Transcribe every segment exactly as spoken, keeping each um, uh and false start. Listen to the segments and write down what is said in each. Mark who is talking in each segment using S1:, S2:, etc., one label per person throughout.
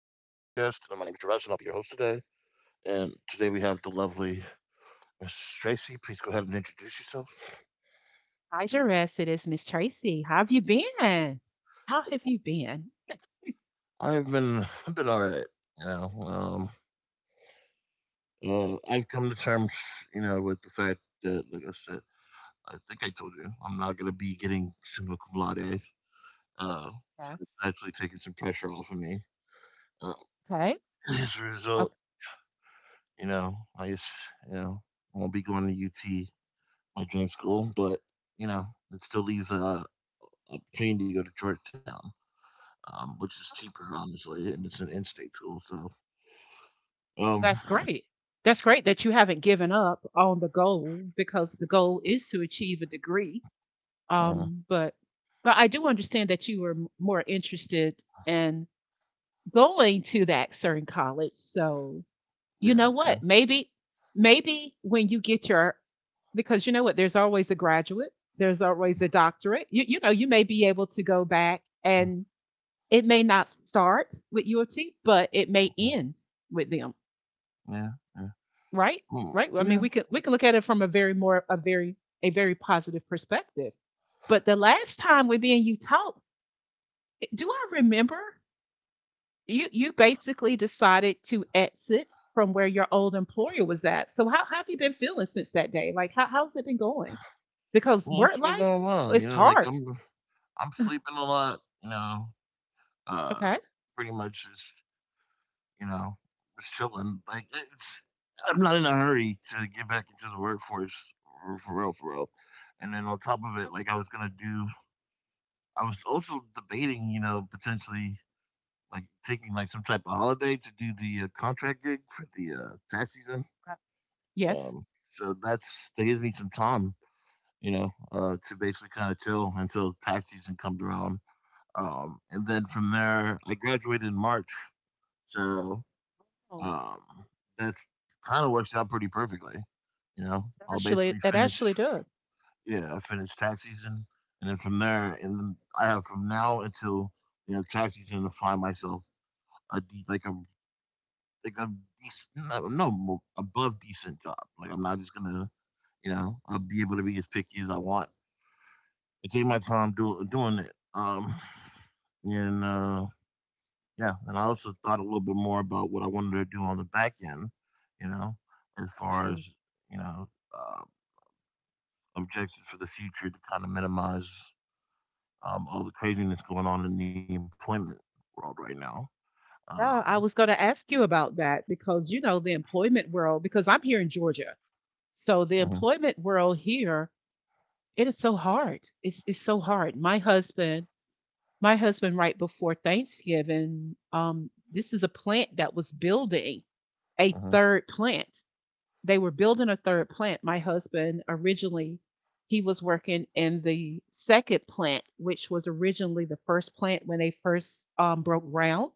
S1: Uh, my name is Jurash and I'll be your host today. And today we have the lovely Missus Tracy. Please go ahead and introduce yourself.
S2: Hi, Jerez. It is Miss Tracy. How have you been? How have you been?
S1: I have been I've been all right. You know, um, uh, I've come to terms, you know, with the fact that, like I said, I think I told you, I'm not going to be getting summa cum laude. Uh, so
S2: Yes.
S1: it's actually taking some pressure off of me. Uh,
S2: Okay.
S1: as a result, you know, I just, you know, won't be going to U T, my dream school, but you know, it still leaves a, I'm keen to go to Georgetown, um, which is cheaper, honestly, and it's an in-state school. So, um,
S2: That's great. That's great that you haven't given up on the goal because the goal is to achieve a degree.
S1: uh,
S2: Um, but but I do understand that you were m- more interested in going to that certain college. So you
S1: yeah,
S2: know
S1: yeah,
S2: what? Maybe maybe when you get your, because you know what? There's always a graduate. There's always a doctorate. You you know you may be able to go back,
S1: mm,
S2: and it may not start with U of T, but it may
S1: mm,
S2: end with them.
S1: yeah, yeah,
S2: Right?
S1: mm,
S2: Right? I mean,
S1: yeah.
S2: we could we could look at it from a very more a very, a very positive perspective. But the last time we me and you talked, do I remember you you basically decided to exit from where your old employer was at. So how, how have you been feeling since that day? Like how how's it been going? Because
S1: Well,
S2: work
S1: it's been
S2: life,
S1: going well. You
S2: it's
S1: know, like
S2: hard.
S1: I'm, I'm sleeping a lot. You know, uh,
S2: Okay.
S1: Pretty much just you know, just chilling. Like it's, I'm not in a hurry to get back into the workforce for, for real, for real. And then on top of it, like I was gonna do, I was also debating, you know, potentially like taking like some type of holiday to do the uh, contract gig for the uh, tax season.
S2: Okay. Yes.
S1: Um, so that's that gives me some time, you know, uh, to basically kind of chill until tax season comes around. Um, and then from there, I graduated in March, so
S2: Oh,
S1: um, that's kind of works out pretty perfectly. You know, I'll
S2: actually,
S1: basically
S2: it
S1: finish.
S2: actually does.
S1: Yeah, I finish tax season, and then from there, and then I have from now until you know tax season to find myself a de- like a like a decent, no, no mo- above decent job. Like I'm not just gonna, you know, I'll be able to be as picky as I want I take my time do, doing it. Um, and uh, yeah, and I also thought a little bit more about what I wanted to do on the back end, you know, as far
S2: Okay.
S1: as you know, uh, objectives for the future to kind of minimize um, all the craziness going on in the employment world right now. Um,
S2: Yeah, I was going to ask you about that because you know the employment world. Because I'm here in Georgia, so the
S1: mhm,
S2: employment world here, it is so hard. It's it's so hard. My husband, my husband, right before Thanksgiving, um, this is a plant that was building a
S1: mhm,
S2: third plant. They were building a third plant. My husband originally, he was working in the second plant, which was originally the first plant when they first um, broke ground.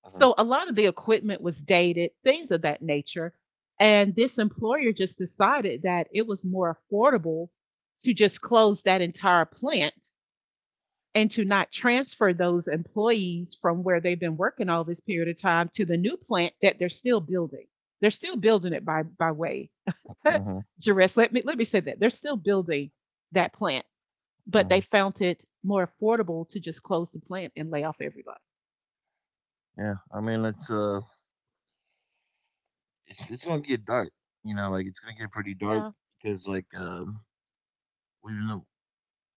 S1: mhm,
S2: So a lot of the equipment was dated, things of that nature. And this employer just decided that it was more affordable to just close that entire plant and to not transfer those employees from where they've been working all this period of time to the new plant that they're still building. They're still building it by by way.
S1: mhm,
S2: Jerez, let me let me say that. They're still building that plant, but they
S1: mhm.
S2: found it more affordable to just close the plant and lay off everybody.
S1: Yeah, I mean it's uh it's, it's gonna get dark. You know, like it's gonna get pretty dark
S2: Yeah.
S1: because like um we live,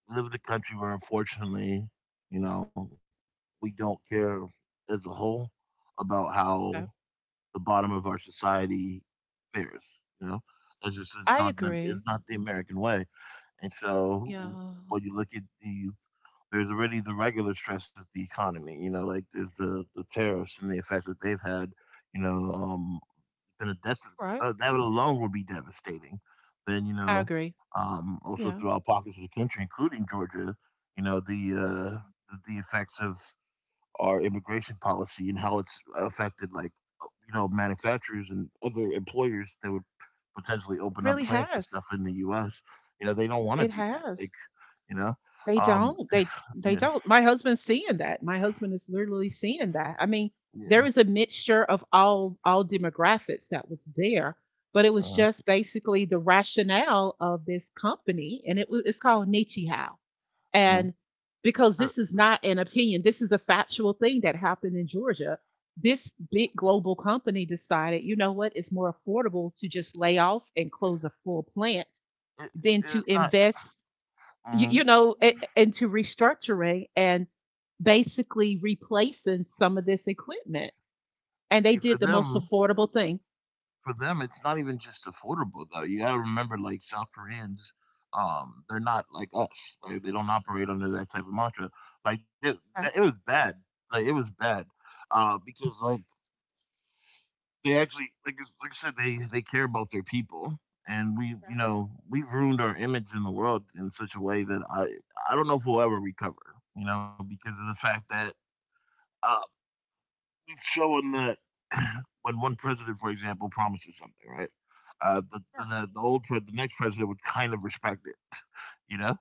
S1: live in a country where unfortunately, you know, we don't care as a whole about how
S2: Okay.
S1: the bottom of our society fares. You know, it's just it's
S2: I
S1: not the, it's
S2: agree.
S1: not the American way. And so
S2: Yeah.
S1: when you look at the there's already the regular stress of the economy. You know, like there's the the tariffs and the effects that they've had. You know, um, then that's
S2: Right.
S1: uh, that alone would be devastating. Then you
S2: I
S1: know,
S2: agree.
S1: um, also
S2: Yeah.
S1: throughout pockets of the country, including Georgia, you know the
S2: Yeah.
S1: uh, the the effects of our immigration policy and how it's affected, like uh, you know, manufacturers and other employers that would potentially
S2: It
S1: open up
S2: really
S1: plants and
S2: has.
S1: stuff in the U S. You know, they don't want to
S2: It
S1: do that.
S2: has.
S1: Like you know,
S2: They
S1: um,
S2: don't. They they
S1: yeah,
S2: don't. My husband's seeing that. My husband is literally seeing that. I mean,
S1: yeah.
S2: there is a mixture of all all demographics that was there, but it was
S1: Uh,
S2: just basically the rationale of this company, and it wa- it's called Nietzsche.
S1: uh,
S2: And because
S1: uh,
S2: this is not an opinion, this is a factual thing that happened in Georgia. This big global company decided, you know what, it's more affordable to just lay off and close a full plant
S1: it,
S2: than
S1: it-
S2: to
S1: it's not.
S2: invest, you,
S1: Mhm.
S2: you know, a- into restructuring and basically replacing some of this equipment. And they
S1: See, for
S2: did the most
S1: them,
S2: affordable thing.
S1: for them, it's not even just affordable though. You gotta remember, like South Koreans, um, they're not like us. Like, they don't operate under that type of mantra. Like that, that it
S2: Okay.
S1: was bad. Like it was bad, uh, because like they actually, like it's- like I said, they they care about their people, and we, you know, we've ruined our image in the world in such a way that I I don't know if we'll ever recover. You know, because of the fact that uh, we've shown that when one president, for example, promises something, right? uh, the, the, the old pre- the next president would kind of respect it, you know,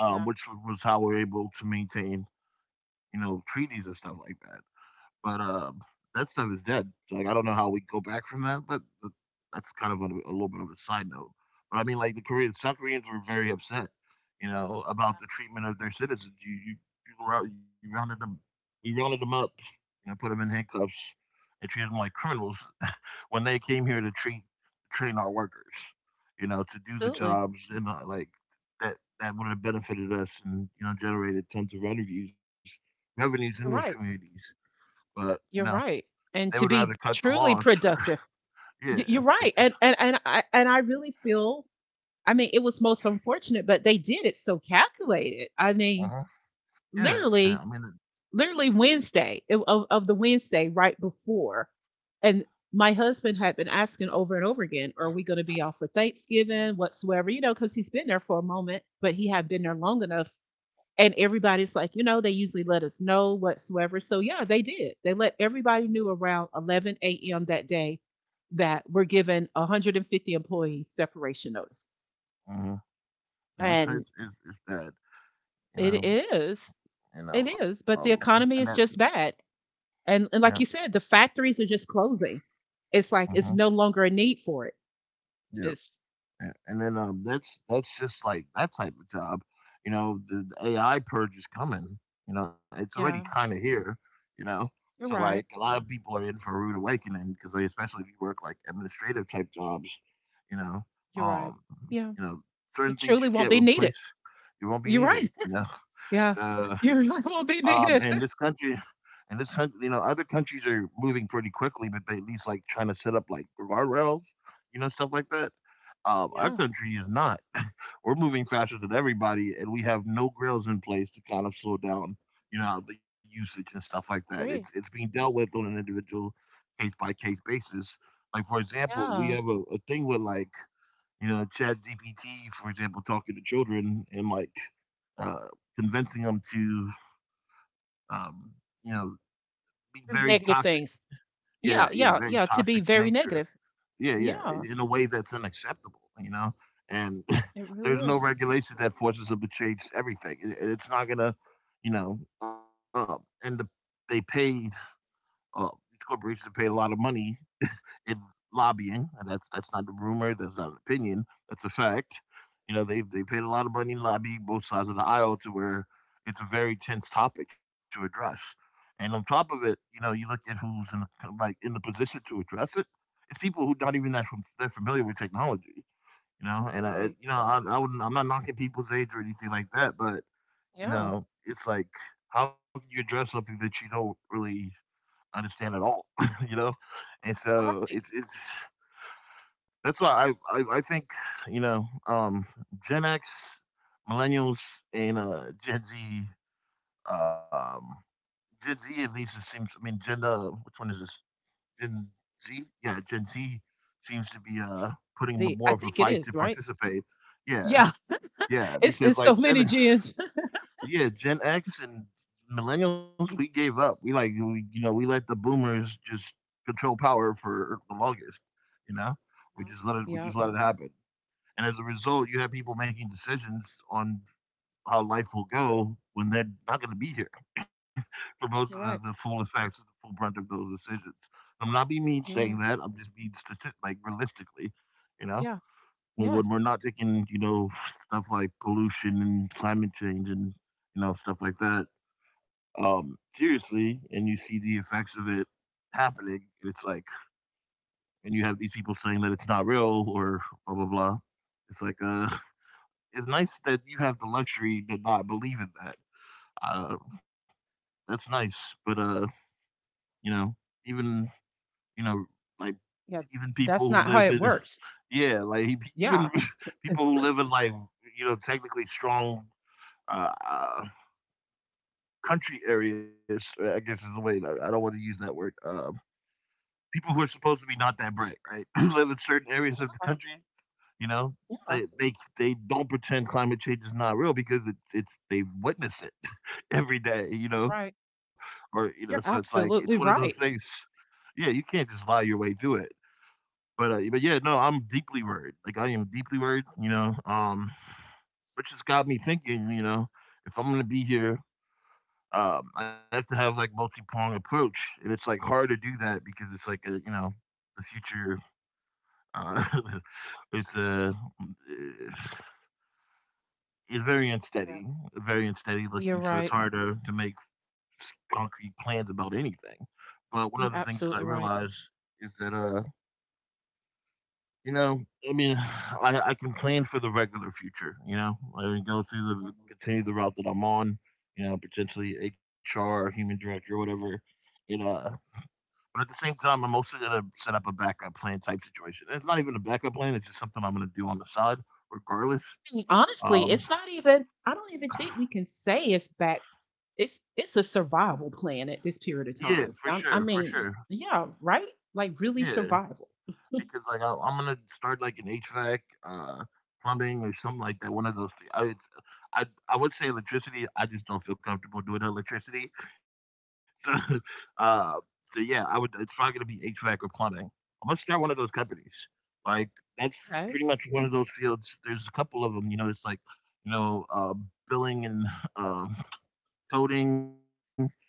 S1: um, which was how we're able to maintain, you know, treaties and stuff like that. But, um, that stuff is dead, so, like, I don't know how we go back from that, but th that's kind of a a little bit of a side note. But, I mean, like, the Koreans South Koreans were very upset, you know, about the treatment of their citizens. You you you go you rounded them We rounded them up, you know, put them in handcuffs and treated them like criminals when they came here to treat train our workers, you know, to do the
S2: Absolutely.
S1: jobs and, uh, like, that that would have benefited us and, you know, generated tons of revenues revenues in those
S2: You're right.
S1: communities. But, you know,
S2: You're right.
S1: they
S2: And
S1: would
S2: to
S1: rather
S2: be
S1: cut the
S2: truly
S1: laws.
S2: productive,
S1: Yeah,
S2: Y- you're
S1: it
S2: right.
S1: just
S2: And, and, and I, and I really feel, I mean, it was most unfortunate, but they did it so calculated. I mean,
S1: uh-huh. Yeah, I mean,
S2: literally, literally Wednesday of, of the Wednesday right before. And my husband had been asking over and over again, are we going to be off for Thanksgiving, whatsoever, you know, because he's been there for a moment, but he had been there long enough. And everybody's like, you know, they usually let us know whatsoever. So yeah, they did. They let everybody knew around eleven a m that day that we're given one hundred fifty employees separation notices.
S1: mhm. I'd say
S2: And
S1: it's it's it's bad, you
S2: it
S1: know
S2: is.
S1: you
S2: It
S1: know,
S2: is.
S1: um,
S2: But the
S1: and that
S2: economy is just bad. And,
S1: yeah,
S2: and like you said, the factories are just closing. It's like
S1: mhm,
S2: it's no longer a need for it.
S1: yeah.
S2: It's,
S1: A- And then um, that's that's just like that type of job, you know. The, the A I purge is coming. You know, it's already
S2: yeah,
S1: kind of here. You know, so
S2: you're
S1: like a
S2: right.
S1: lot of people are in for a rude awakening because they, especially if you work like administrative type jobs, you know,
S2: You're right.
S1: um,
S2: Yeah,
S1: you know,
S2: it
S1: certain things
S2: truly
S1: you
S2: won't
S1: can't
S2: be needed.
S1: replace, you won't be
S2: You're
S1: needed.
S2: right.
S1: You know,
S2: Yeah.
S1: so
S2: You really won't be
S1: um, and this
S2: needed.
S1: country, and this country, you know, other countries are moving pretty quickly, but they at least like trying to set up like guardrails, you know, stuff like that. Um, our
S2: Yeah,
S1: country is not. We're moving faster than everybody, and we have no grills in place to kind of slow down, you know, the usage and stuff like that. It's it's
S2: agree.
S1: being dealt with on an individual case by case basis. Like for example, we
S2: Yeah.
S1: have a, a thing with like you know Chat G P T, for example, talking to children and like uh, convincing them to um, you know, be very toxic.
S2: Negative things.
S1: Yeah,
S2: Yeah,
S1: yeah,
S2: yeah,
S1: very
S2: yeah. To
S1: toxic
S2: be
S1: in
S2: very
S1: nature.
S2: negative.
S1: Yeah, yeah,
S2: Yeah.
S1: in a way that's unacceptable, you know? And
S2: It really
S1: there's no
S2: is.
S1: regulation that forces them to change everything. It- It's not going to, you know, um, and the, they pay uh, these corporations paid a lot of money in lobbying, and that's that's not a rumor, that's not an opinion, that's a fact. You know, they they paid a lot of money in lobbying both sides of the aisle to where it's a very tense topic to address. And on top of it, you know, you look at who's in the, like in the position to address it. It's people who not even that from, that familiar with technology, you know.
S2: You're
S1: And I,
S2: right.
S1: you know, I, I wouldn't, I'm not knocking people's age or anything like that, but you
S2: Yeah.
S1: know, it's like how can you address something that you don't really understand at all, you know? And
S2: You're
S1: so
S2: right.
S1: it's it's that's why I I, I think, you know, um Gen X, millennials and uh Gen Z um Gen Z at least it seems I mean Gen uh, which one is this? Gen Z? Yeah, Gen Z seems to be uh putting
S2: See, I
S1: more of a
S2: think it
S1: fight
S2: is,
S1: to
S2: right?
S1: participate. Yeah.
S2: Yeah.
S1: Yeah,
S2: It's
S1: because
S2: it's so
S1: like
S2: many
S1: Gen
S2: gens.
S1: yeah, Gen X and millennials, we gave up. We like we, you know, we let the boomers just control power for the longest, you know? We
S2: Yeah.
S1: just let it we just
S2: Yeah.
S1: let it happen. And as a result, you have people making decisions on how life will go when they're not going to be here for most of the,
S2: You're
S1: the
S2: right.
S1: full effects and the full brunt of those decisions. I'm not being mean
S2: You're
S1: saying
S2: right.
S1: that. I'm just being statistic, like realistically, you know,
S2: Yeah.
S1: when, when we're
S2: Yes.
S1: not taking, you know, stuff like pollution and climate change and, you know, stuff like that um,
S2: Yeah.
S1: seriously, and you see the effects of it happening, and it's like, and you have these people saying that it's not real or blah blah blah. It's like, uh, it's nice that you have the luxury to not believe in that. Uh, that's nice, but uh, you know, even you know, like
S2: Yeah,
S1: even
S2: that's
S1: people
S2: not
S1: who
S2: how
S1: live
S2: it
S1: in,
S2: works.
S1: yeah, like e, even
S2: Yeah.
S1: people who live in like you know, technically strong uh, uh country areas. uh, I guess is the way. I I don't want to use that word. Um, people who are supposed to be not that bright, right? Who live in certain areas of the
S2: Yeah.
S1: country, you know, they
S2: Yeah.
S1: they they don't pretend climate change is not real because it's it's they've witnessed it every day, you know,
S2: Right.
S1: or you know, so it's like
S2: You're
S1: it's one of those
S2: absolutely
S1: things.
S2: right.
S1: Yeah, you can't just lie your way through it. But uh, but yeah, no, I'm deeply worried. Like I am deeply worried, you know. Um, which has got me thinking, you know, if I'm gonna be here, um, I have to have like multi pronged approach, and it's like hard to do that because it's like a you know, the future Uh, it's uh, it's very
S2: Yeah.
S1: unsteady, very unsteady
S2: You're
S1: looking. So it's
S2: right.
S1: hard to, to make s- concrete plans about anything. But one of the
S2: You're
S1: things that I
S2: absolutely right.
S1: realized is that uh, you know, I mean, I, I can plan for the regular future. You know, I can go through
S2: Mhm.
S1: the
S2: I
S1: continue the route that I'm on. You know, potentially H R human director or whatever. And uh, but at the same time, I'm also gonna set up a backup plan type situation. It's not even a backup plan; it's just something I'm gonna do on the side regardless.
S2: mean, honestly,
S1: Um,
S2: it's not even, I don't even think we can say it's back, it's it's a survival plan at this period
S1: yeah,
S2: of
S1: for
S2: time.
S1: sure,
S2: I,
S1: for
S2: I
S1: sure.
S2: mean, yeah, right? Like really
S1: Yeah,
S2: survival.
S1: because like I, I'm gonna start like an H VAC, uh, plumbing or something like that. One of those things. I, it's, I I would say electricity. I just don't feel comfortable doing electricity. So, uh, so yeah, I would. It's probably gonna be H VAC or plumbing. I'm gonna start one of those companies. Like that's
S2: Okay.
S1: pretty much one of those fields. There's a couple of them. You know, it's like, you know, uh, billing and uh, coding. Uh,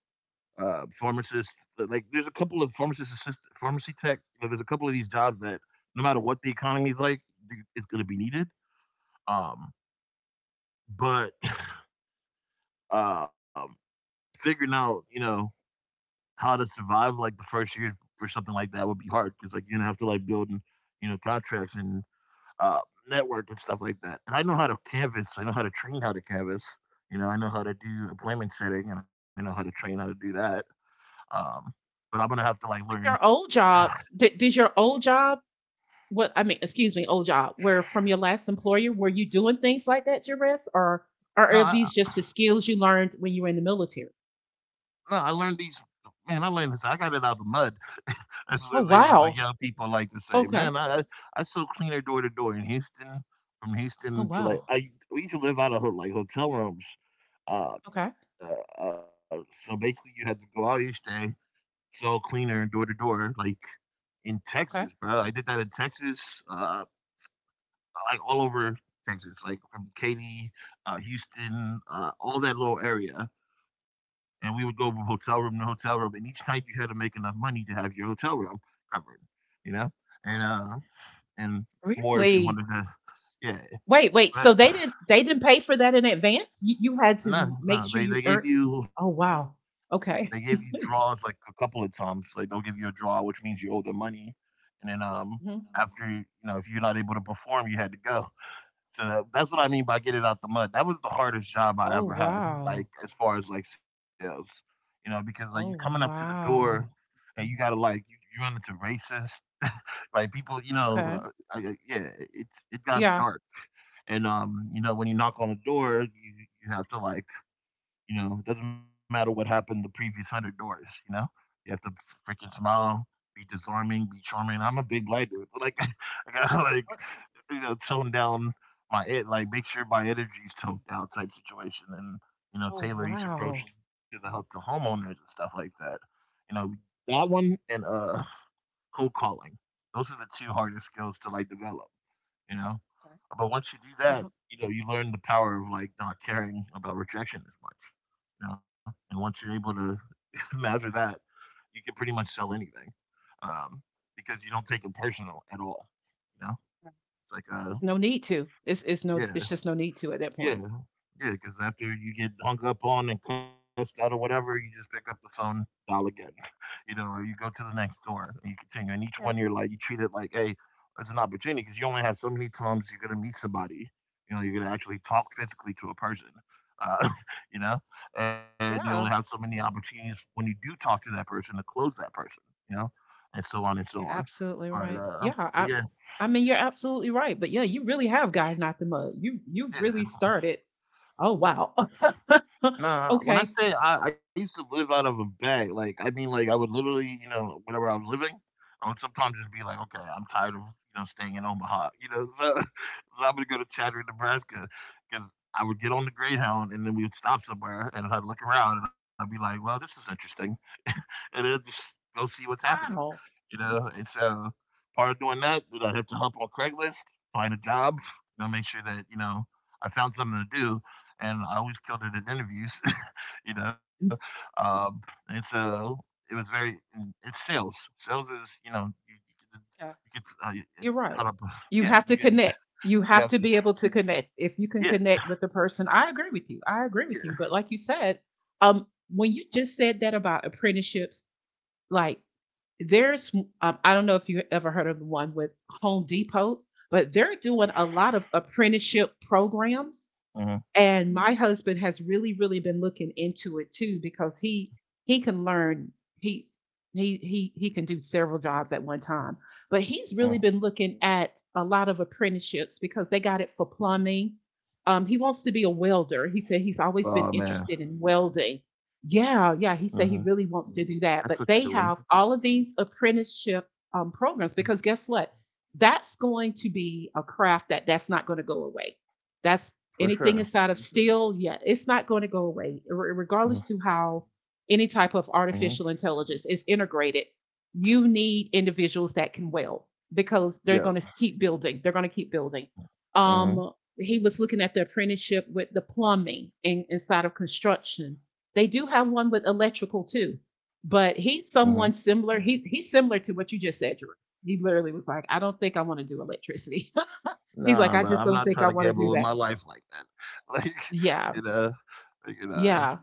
S1: uh, pharmacists. uh, Like, there's a couple of pharmacist assist pharmacy tech. You know, there's a couple of these jobs that, no matter what the economy is like, th- it's going to be needed. Um, but um, figuring out, you know, how to survive like the first year for something like that would be hard because like you're gonna have to like build, you know, contracts and uh, network and stuff like that. And I know how to canvas. I know how to train how to canvas. You know, I know how to do appointment setting, and I know how to train how to do that. Um, but I'm gonna have to like learn.
S2: Yeah. Your old job, did, did your old job, what I mean, excuse me, old job, where from your last employer, were you doing things like that, Jerris, or, or are
S1: No, I
S2: these just the skills you learned when you were in the military?
S1: no, I learned these man, I learned this. I got it out of the mud. as what they,
S2: Oh
S1: the young
S2: wow.
S1: people like to say. Man,
S2: Okay.
S1: I I, I still clean her door to door in Houston, from
S2: Oh
S1: Houston to like
S2: wow.
S1: I we used to live out of ho- like hotel rooms. Uh,
S2: Okay.
S1: uh, uh, so basically, you had to go out each day, sell cleaner door to door, like in
S2: Okay.
S1: Texas, bro. I did that in Texas, uh, like all over Texas, like from Katy, uh, Houston, uh, all that little area. And we would go from hotel room to hotel room. And each night you had to make enough money to have your hotel room covered, you know, and
S2: Oh,
S1: uh, and more if you
S2: really?
S1: wanted to.
S2: S-
S1: Yeah,
S2: Wait, wait. So
S1: but
S2: they didn't they didn't pay for that in advance? You you had to
S1: no,
S2: make
S1: no,
S2: sure
S1: they
S2: you
S1: they gave
S2: earned.
S1: you
S2: Oh wow.
S1: they gave you
S2: Okay.
S1: draws like a couple of times. Like they'll give you a draw, which means you owe them money, and then um
S2: Mhm.
S1: after you know if you're not able to perform, you had to go. So that's what I mean by get it out the mud. That was the hardest job I
S2: Oh
S1: ever had,
S2: wow.
S1: like as far as like sales, you know, because like you coming up
S2: Oh
S1: to the door
S2: wow.
S1: and you gotta like you, you run into racists, like people, you know,
S2: Okay.
S1: uh, I, I- yeah, it's it got
S2: Yeah.
S1: dark, and um, you know, when you knock on the door, you you have to like, you know, it doesn't matter what happened the previous hundred doors, you know, you have to freaking smile, be disarming, be charming. I'm a big black dude, like I got like
S2: Okay.
S1: you know, tone down my it like make sure my energy's toned down type situation and you know
S2: Oh
S1: tailor each approach
S2: wow.
S1: to the help to homeowners and stuff like that. You know, that one and uh cold calling, those are the two hardest skills to like develop, you know.
S2: Okay.
S1: But once you do
S2: Uh
S1: that,
S2: huh.
S1: you know, you learn the power of like not caring about rejection as much, you know. And once you're able to master that, you can pretty much sell anything. um because you don't take it personal at all, you know. It's like uh
S2: There's no need to. It's it's no,
S1: yeah
S2: it's just no need to at that
S1: yeah,
S2: point.
S1: yeah. Because after you get hung up on and cussed out or whatever, you just pick up the phone, dial again, you know, or you go to the next door and you continue. And each one, you're
S2: Yeah.
S1: like, you treat it like, hey, it's an opportunity because you only have so many times you're gonna meet somebody. You know, you're gonna actually talk physically to a person. Uh, you know, and you only have so
S2: Yeah.
S1: many opportunities when you do talk to that person to close that person. You know, and so on and so
S2: You're
S1: on.
S2: absolutely
S1: But
S2: right.
S1: uh,
S2: Yeah, I
S1: but yeah,
S2: I mean you're absolutely right. But yeah, you really have gotten out the mud. You you've
S1: yeah.
S2: really started. Oh wow.
S1: Nah, when I
S2: Okay.
S1: say I, I used to live out of a bag, like I mean, like I would literally, you know, whenever I was living, I would sometimes just be like, okay, I'm tired of you know staying in Omaha, you know, so, so I'm gonna go to Chadwick, Nebraska, because I would get on the Greyhound and then we would stop somewhere and I'd look around and I'd be like, well, this is interesting, and then just go see what's happening,
S2: Wow.
S1: you know. And so part of doing that, then I'd have to hop on Craigslist, find a job, you know, make sure that you know I found something to do, and I always killed it in interviews, you know. Um, and so it was very. And it's sales. Sales is you know you you can,
S2: Yeah,
S1: you can uh, you- it-
S2: you're
S1: how
S2: right.
S1: to
S2: You
S1: yeah
S2: have
S1: you
S2: to
S1: get you,
S2: connect. You
S1: you
S2: have
S1: have
S2: to
S1: to
S2: be able to connect. If you can
S1: yeah
S2: connect with the person, I agree with you. I agree with you.
S1: yeah.
S2: But like you said, um, when you just said that about apprenticeships, like there's, um, I don't know if you ever heard of the one with Home Depot, but they're doing a lot of apprenticeship programs,
S1: Hmm,
S2: and my husband has really, really been looking into it too because he he can learn, he he he he can do several jobs at one time. But he's
S1: yeah.
S2: really been looking at a lot of apprenticeships because they got it for plumbing. Um, he wants to be a welder. He said he's always been
S1: Oh man,
S2: interested in welding.
S1: hmm,
S2: Yeah, yeah. He said he really
S1: that's
S2: wants
S1: such a
S2: to
S1: good
S2: do
S1: one
S2: that. But they have all of these apprenticeship, um, programs because guess what? That's going to be a craft that that's not going to go away. That's
S1: for sure.
S2: anything inside of steel, yeah, it's not going to go away, Re-
S1: Mm-hmm.
S2: regardless to how any type of
S1: Mm-hmm.
S2: artificial intelligence is integrated. You need individuals that can weld because they're
S1: Yeah.
S2: going to keep building. They're going to keep building.
S1: Hmm.
S2: Um, he was looking at the apprenticeship with the plumbing in, inside of construction. They do have one with electrical too, but he's
S1: Hmm.
S2: someone similar. He he's similar to what you just said, Jerris. He literally was like, "I don't think I want to do electricity." He's like,
S1: Nah,
S2: "I
S1: bro,
S2: just
S1: I'm
S2: don't
S1: not
S2: think
S1: trying
S2: I
S1: to
S2: want to do
S1: gamble with my
S2: that."
S1: life like that. Like
S2: Yeah,
S1: you know, like, you know.
S2: yeah.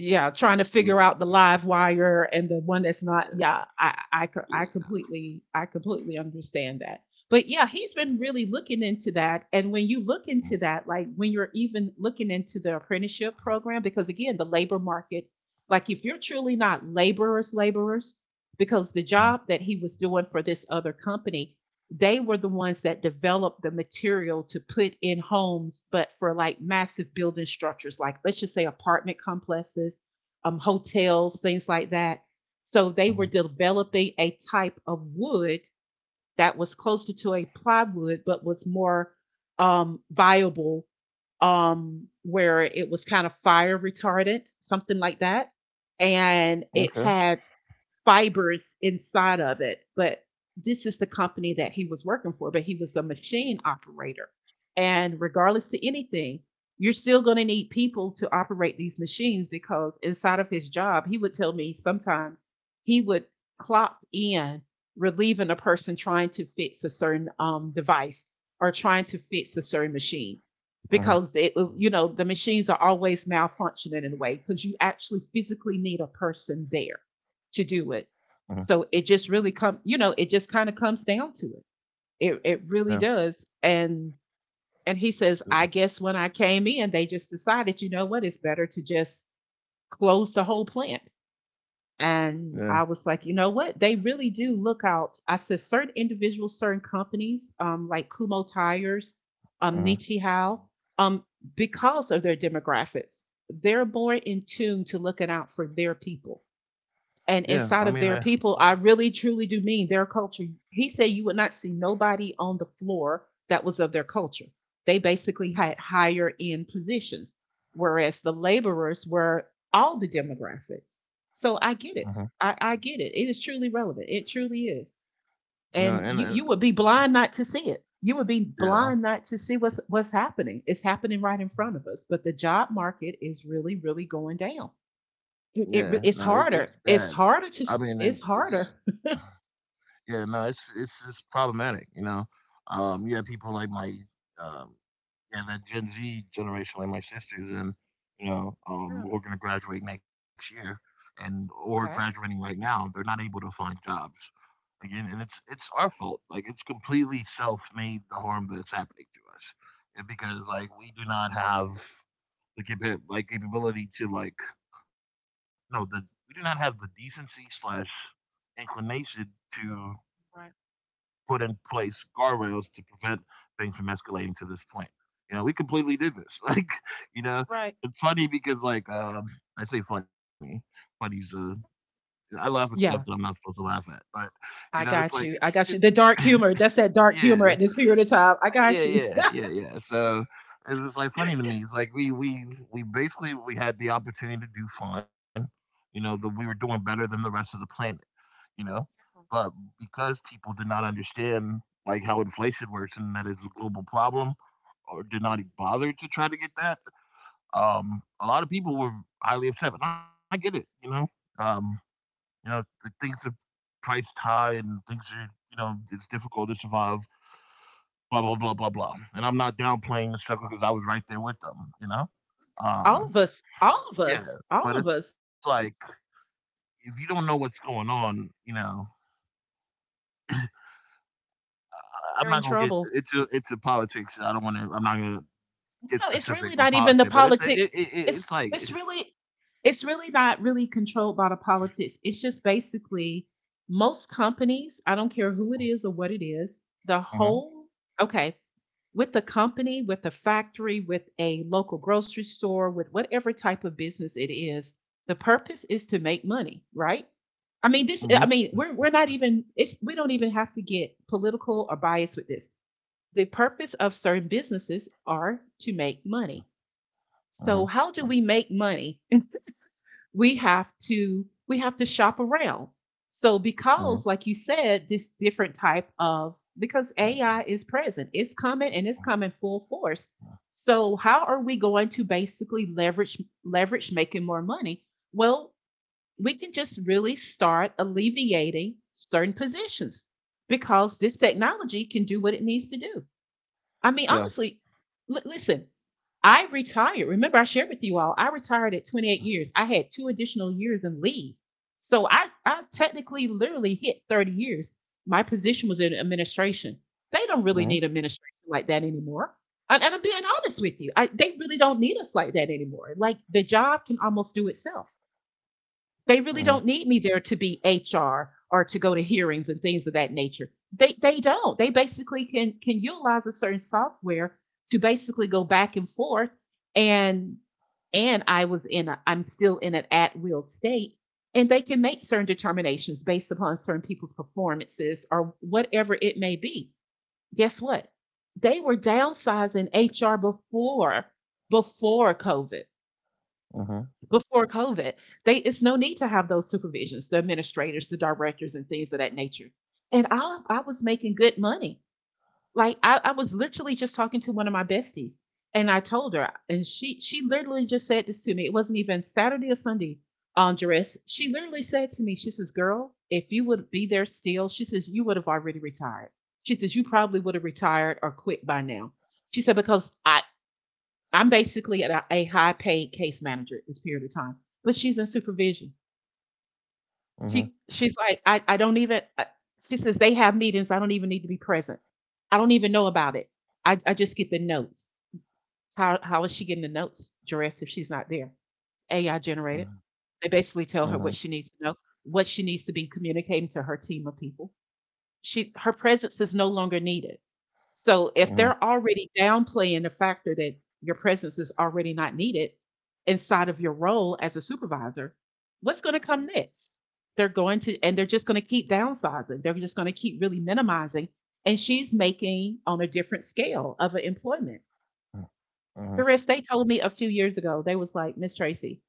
S2: Yeah, trying to figure
S1: Yeah.
S2: out the live wire and the one that's not. Yeah, I I co- I
S1: Yeah.
S2: completely, I completely understand that. But yeah, he's been really looking into that, and when you look into that, like when you're even looking into the apprenticeship program, because again, the labor market, like if you're truly not laborers laborers, because the
S1: Mm-hmm.
S2: job that he was doing for this other company, they were the ones that developed the material to put in homes, but for like massive building structures, like let's just say apartment complexes, um, hotels, things like that. So
S1: Mm-hmm.
S2: they were developing a type of wood that was closer to a plywood, but was more, um, viable, um, where it was kind of fire retardant, something like that.
S1: Okay.
S2: And it had fibers inside of it. But this is the company that he was working for, but he was a machine operator. And regardless to anything, you're still going to need people to operate these machines because inside of his job, he would tell me sometimes he would clock in relieving a person trying to fix a certain um, device or trying to fix a certain machine
S1: Mm-hmm.
S2: because it, you know, the machines are always malfunctioning in a way because you actually physically need a person there to do it.
S1: Mhm.
S2: So it just really come, you know, it just kind of comes down to it. It it
S1: Yeah.
S2: really does. And and he says,
S1: Yeah.
S2: I guess when I came in, they just decided, you know what, it's better to just close the whole plant.
S1: Yeah.
S2: And I was like, you know what? They really do look out. I said certain individuals, certain companies, um, like Kumho Tires, um,
S1: Mhm.
S2: Nichihao, um, because of their demographics, they're more in tune to looking out for their people,
S1: Yeah.
S2: and
S1: I mean,
S2: inside
S1: uh,
S2: of their people, I really truly do mean their culture. He said you would not see nobody on the floor that was of their culture. They basically had higher end positions, whereas the laborers were all the demographics. So I
S1: mhm.
S2: get it. I, I get it. It is truly relevant. It truly is.
S1: No,
S2: And
S1: and,
S2: you,
S1: and
S2: you would be blind not to see it. You would be
S1: yeah,
S2: blind not to see what's what's happening. It's happening right in front of us. But the job market is really, really going down it,
S1: yeah.
S2: it re-
S1: No, it,
S2: it's
S1: it's
S2: harder.
S1: bad.
S2: It's
S1: I
S2: harder to
S1: mean,
S2: s-
S1: it,
S2: it's
S1: it's
S2: harder.
S1: yeah. No, it's it's it's problematic. You know, um, you have people like my, um, yeah, that Gen Z generation, like my sisters, and you know, um,
S2: Mm.
S1: we're gonna graduate next year, and or
S2: Okay.
S1: graduating right now, they're not able to find jobs. Again, and it's it's our fault. Like it's completely self-made, the harm that's happening to us. And because like we do not have the capa- like capability to like no the we do not have the decency slash inclination to
S2: Right.
S1: put in place guardrails to prevent things from escalating to this point. You know, we completely did this. like you know,
S2: Right.
S1: it's funny because like um I say funny funny's uh I laugh at stuff that I'm
S2: Yeah,
S1: not supposed to laugh at. But you know
S2: I
S1: it's like
S2: got
S1: it's
S2: you. I got you. The dark humor. That's that dark humor
S1: yeah.
S2: at this period of time. I
S1: Yeah,
S2: got you.
S1: yeah, yeah, yeah. So it's just like funny to
S2: Yeah,
S1: me. It's like we we we basically we had the opportunity to do fine. You know, that we were doing better than the rest of the planet, you know? But because people did not understand like how inflation works and that is a global problem, or did not even
S2: yeah,
S1: bother to try to get that, um, a lot of people were highly upset. And I get it, you know. Um, you know, th- things are priced high, and things are, you know, it's difficult to survive, blah blah blah blah blah. And I'm not downplaying the struggle because I was right there with them, you know.
S2: all
S1: Um,
S2: of us. All of
S1: yeah,
S2: us. All
S1: but
S2: of
S1: it's
S2: us.
S1: like if you don't know what's going on, you know, I am
S2: We are
S1: not
S2: in
S1: gonna get
S2: trouble.
S1: into into politics. I don't want to. I'm not gonna get
S2: No, it's
S1: specific
S2: really
S1: with
S2: not even the
S1: politics, but it's it,
S2: politics.
S1: it, it
S2: It's
S1: it's like.
S2: it's really it's really not really controlled by the politics. It's just basically most companies, I don't care who it is or what it is, the
S1: Mhm,
S2: whole okay, with the company, with the factory, with a local grocery store, with whatever type of business it is, the purpose is to make money, right? I mean,
S1: mhm,
S2: this. I mean, we're we're not even. It's we don't even have to get political or biased with this. The purpose of certain businesses are to make money. So
S1: mhm,
S2: how do
S1: no,
S2: we make money? We have to we have to shop around. So
S1: mhm,
S2: because like you said, this different type of, because
S1: mhm,
S2: A I is present. It's coming and it's coming full force.
S1: mhm,
S2: So how are we going to basically leverage leverage making more money? Well, we can just really start alleviating certain positions because this technology can do what it needs to do. I mean,
S1: yeah.
S2: honestly, li- listen, I retired. Remember, I shared with you all, I retired at twenty-eight years. I had two additional years in leave. So I, I technically literally hit thirty years. My position was in administration. They don't really
S1: Mhm,
S2: need administration like that anymore. And, and I'm being honest with you, I, they really don't need us like that anymore. Like the job can almost do itself.
S1: mhm,
S2: They really don't need me there to be H R or to go to hearings and things of that nature. They they don't. They basically can can utilize a certain software to basically go back and forth and and I was in a I'm still in an at will state, and they can make certain determinations based upon certain people's performances or whatever it may be. Guess what? They were downsizing H R before before COVID,
S1: mhm,
S2: before COVID, they it's no need to have those supervisions, the administrators, the directors, and things of that nature. And I I was making good money. Like I, I was literally just talking to one of my besties, and I told her, and she she literally just said this to me. It wasn't even Saturday or Sunday, um, Jerez. She literally said to me, she says, "Girl, if you would be there still, she says you would have already retired. She says you probably would have retired or quit by now." She said because I I'm basically a, a high paid case manager at this period of time, but she's in supervision.
S1: mhm,
S2: She she's like I, I don't even I, she says they have meetings I don't even need to be present. I don't even know about it. I, I just get the notes. How how is she getting the notes, Jerez, if she's not there? A I generated.
S1: mhm,
S2: They
S1: mhm,
S2: basically
S1: mhm,
S2: tell her what she needs to know, what she needs to be communicating to her team of people. She her presence is no longer needed. So
S1: mhm,
S2: if
S1: mhm,
S2: they're already downplaying the factor that your presence is already not needed inside of your role as a supervisor, what's going to come next? They're going to and they're just going to keep downsizing. They're just going to keep really minimizing, and she's making on a different scale of an employment.
S1: mhm,
S2: Therese, they told me a few years ago, they was like, Miss Tracy,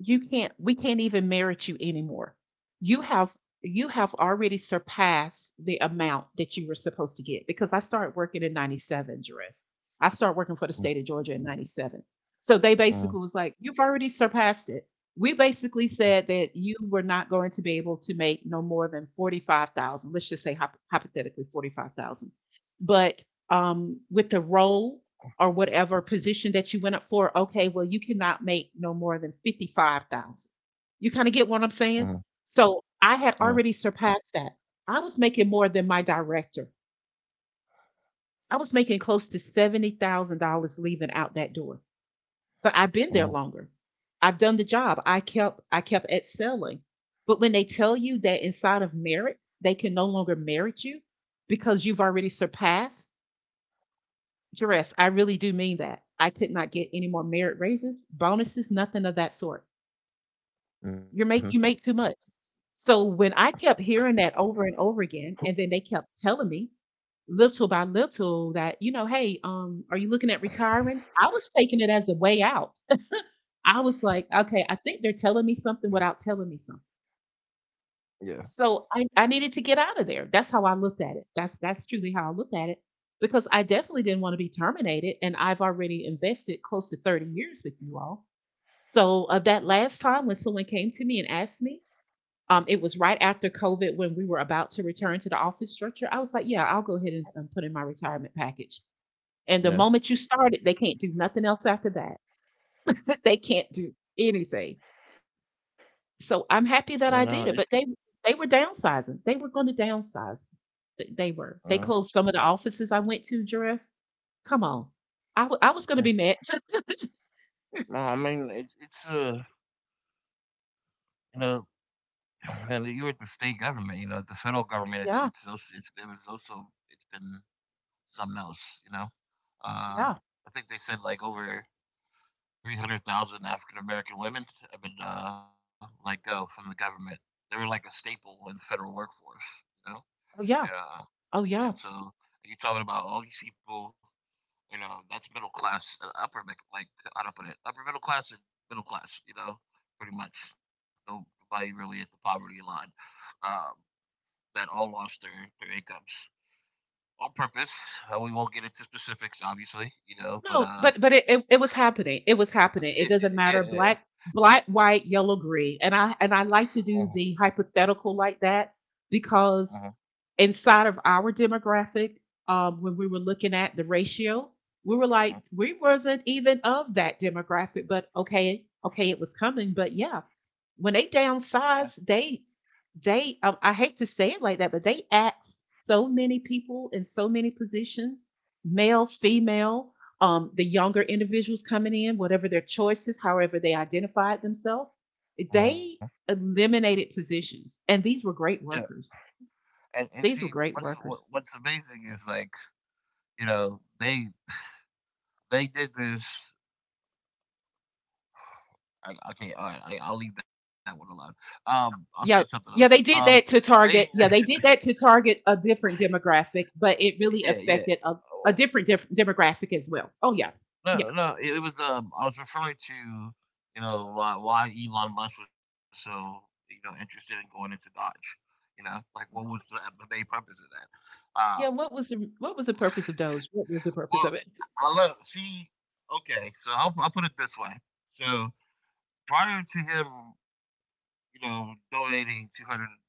S2: you can't we can't even merit you anymore. you have you have already surpassed the amount that you were supposed to get, because I started working in ninety-seven, Dress. I started working for the state of Georgia in ninety-seven. So they
S1: mhm,
S2: basically was like, you've already surpassed it. We basically said that you were not going to be able to make no more than forty-five thousand, let's just say hypothetically forty-five thousand. But um, with the role or whatever position that you went up for, okay, well, you cannot make no more than fifty-five thousand. You kind of get what I'm saying? So
S1: mhm,
S2: I had already surpassed that. I was making more than my director. I was making close to seventy thousand dollars leaving out that door. But I've been
S1: mhm,
S2: there longer. I've done the job. I kept I kept excelling. But when they tell you that inside of merit, they can no longer merit you because you've already surpassed. Jerez, I really do mean that. I could not get any more merit raises, bonuses, nothing of that sort.
S1: mhm.
S2: You make you make too much. So when I kept hearing that over and over again, and then they kept telling me little by little that, you know, hey, um, are you looking at retiring? I was taking it as a way out. I was like, okay, I think they're telling me something without telling me something.
S1: Yeah.
S2: So I, I needed to get out of there. That's how I looked at it. That's that's truly how I looked at it, because I definitely didn't want to be terminated, and I've already invested close to thirty years with you all. So of that last time when someone came to me and asked me, um, it was right after COVID when we were about to return to the office structure. I was like, yeah, I'll go ahead and, and put in my retirement package. And the
S1: Yeah.
S2: moment you started, they can't do nothing else after that. They can't do anything. So
S1: You
S2: I'm
S1: know.
S2: happy
S1: It's,
S2: that I did it, but they they were downsizing. They were going to downsize. Th- They
S1: uh,
S2: were. They closed some of the offices I went to. Dress. Come on. I w- I was
S1: Yeah.
S2: going to be mad.
S1: No, I mean it's it's uh you know and you were at the state government, you know, at the federal government it's it's
S2: Yeah.
S1: also it's it was also it's been something else, you know. Uh
S2: Yeah.
S1: I think they said like over three hundred thousand African American women have been uh let go from the government. They were like a staple in the federal workforce, you know?
S2: Oh yeah.
S1: uh
S2: Oh yeah.
S1: and so you're talking about all these people. You know, that's middle class, uh, upper, like, I do not put it? Upper middle class and middle class. You know, pretty much nobody really at the poverty line. Um, that all lost their their incomes on purpose. Uh, we won't get into specifics, obviously. You know,
S2: No,
S1: but
S2: but but
S1: uh,
S2: it, it it was happening. It was happening. It doesn't
S1: it,
S2: matter.
S1: it,
S2: Black,
S1: yeah, yeah.
S2: black, white, yellow, green. And I and I like to
S1: Uh-huh,
S2: do the hypothetical like that because
S1: uh-huh,
S2: inside of our demographic, um, when we were looking at the ratio, we were like,
S1: uh-huh,
S2: we wasn't even of that demographic, but okay, okay, it was coming. But yeah, when they
S1: yeah,
S2: downsized, they they I, I hate to say it like that, but they asked so many people in so many positions, male, female, um, the younger individuals coming in, whatever their choices, however they identified themselves, they
S1: uh-huh,
S2: eliminated positions. And these were great
S1: yeah.
S2: workers.
S1: And and
S2: These were
S1: see,
S2: great
S1: what's
S2: workers.
S1: what, what's amazing is like you know they they did this. I, okay, all right, I, I'll leave that one alone. Um, I'll say
S2: Yeah.
S1: something else.
S2: Yeah, they
S1: Um,
S2: did that to
S1: they
S2: target. Yeah, they did that to target a different demographic, but it really
S1: Yeah, yeah.
S2: affected a, a
S1: Oh,
S2: different def- demographic as well. Oh yeah, yeah,
S1: no, no, it it was, um, I was referring to, you know, why why Elon Musk was so, you know, interested in going into Dodge, you know? Like, what was the the main purpose of that? Um,
S2: yeah. What was the what was the purpose of Doge? What was the purpose
S1: well,
S2: of it?
S1: I I love see, okay, so I'll I'll put it this way. So prior to him, you know, donating two hundred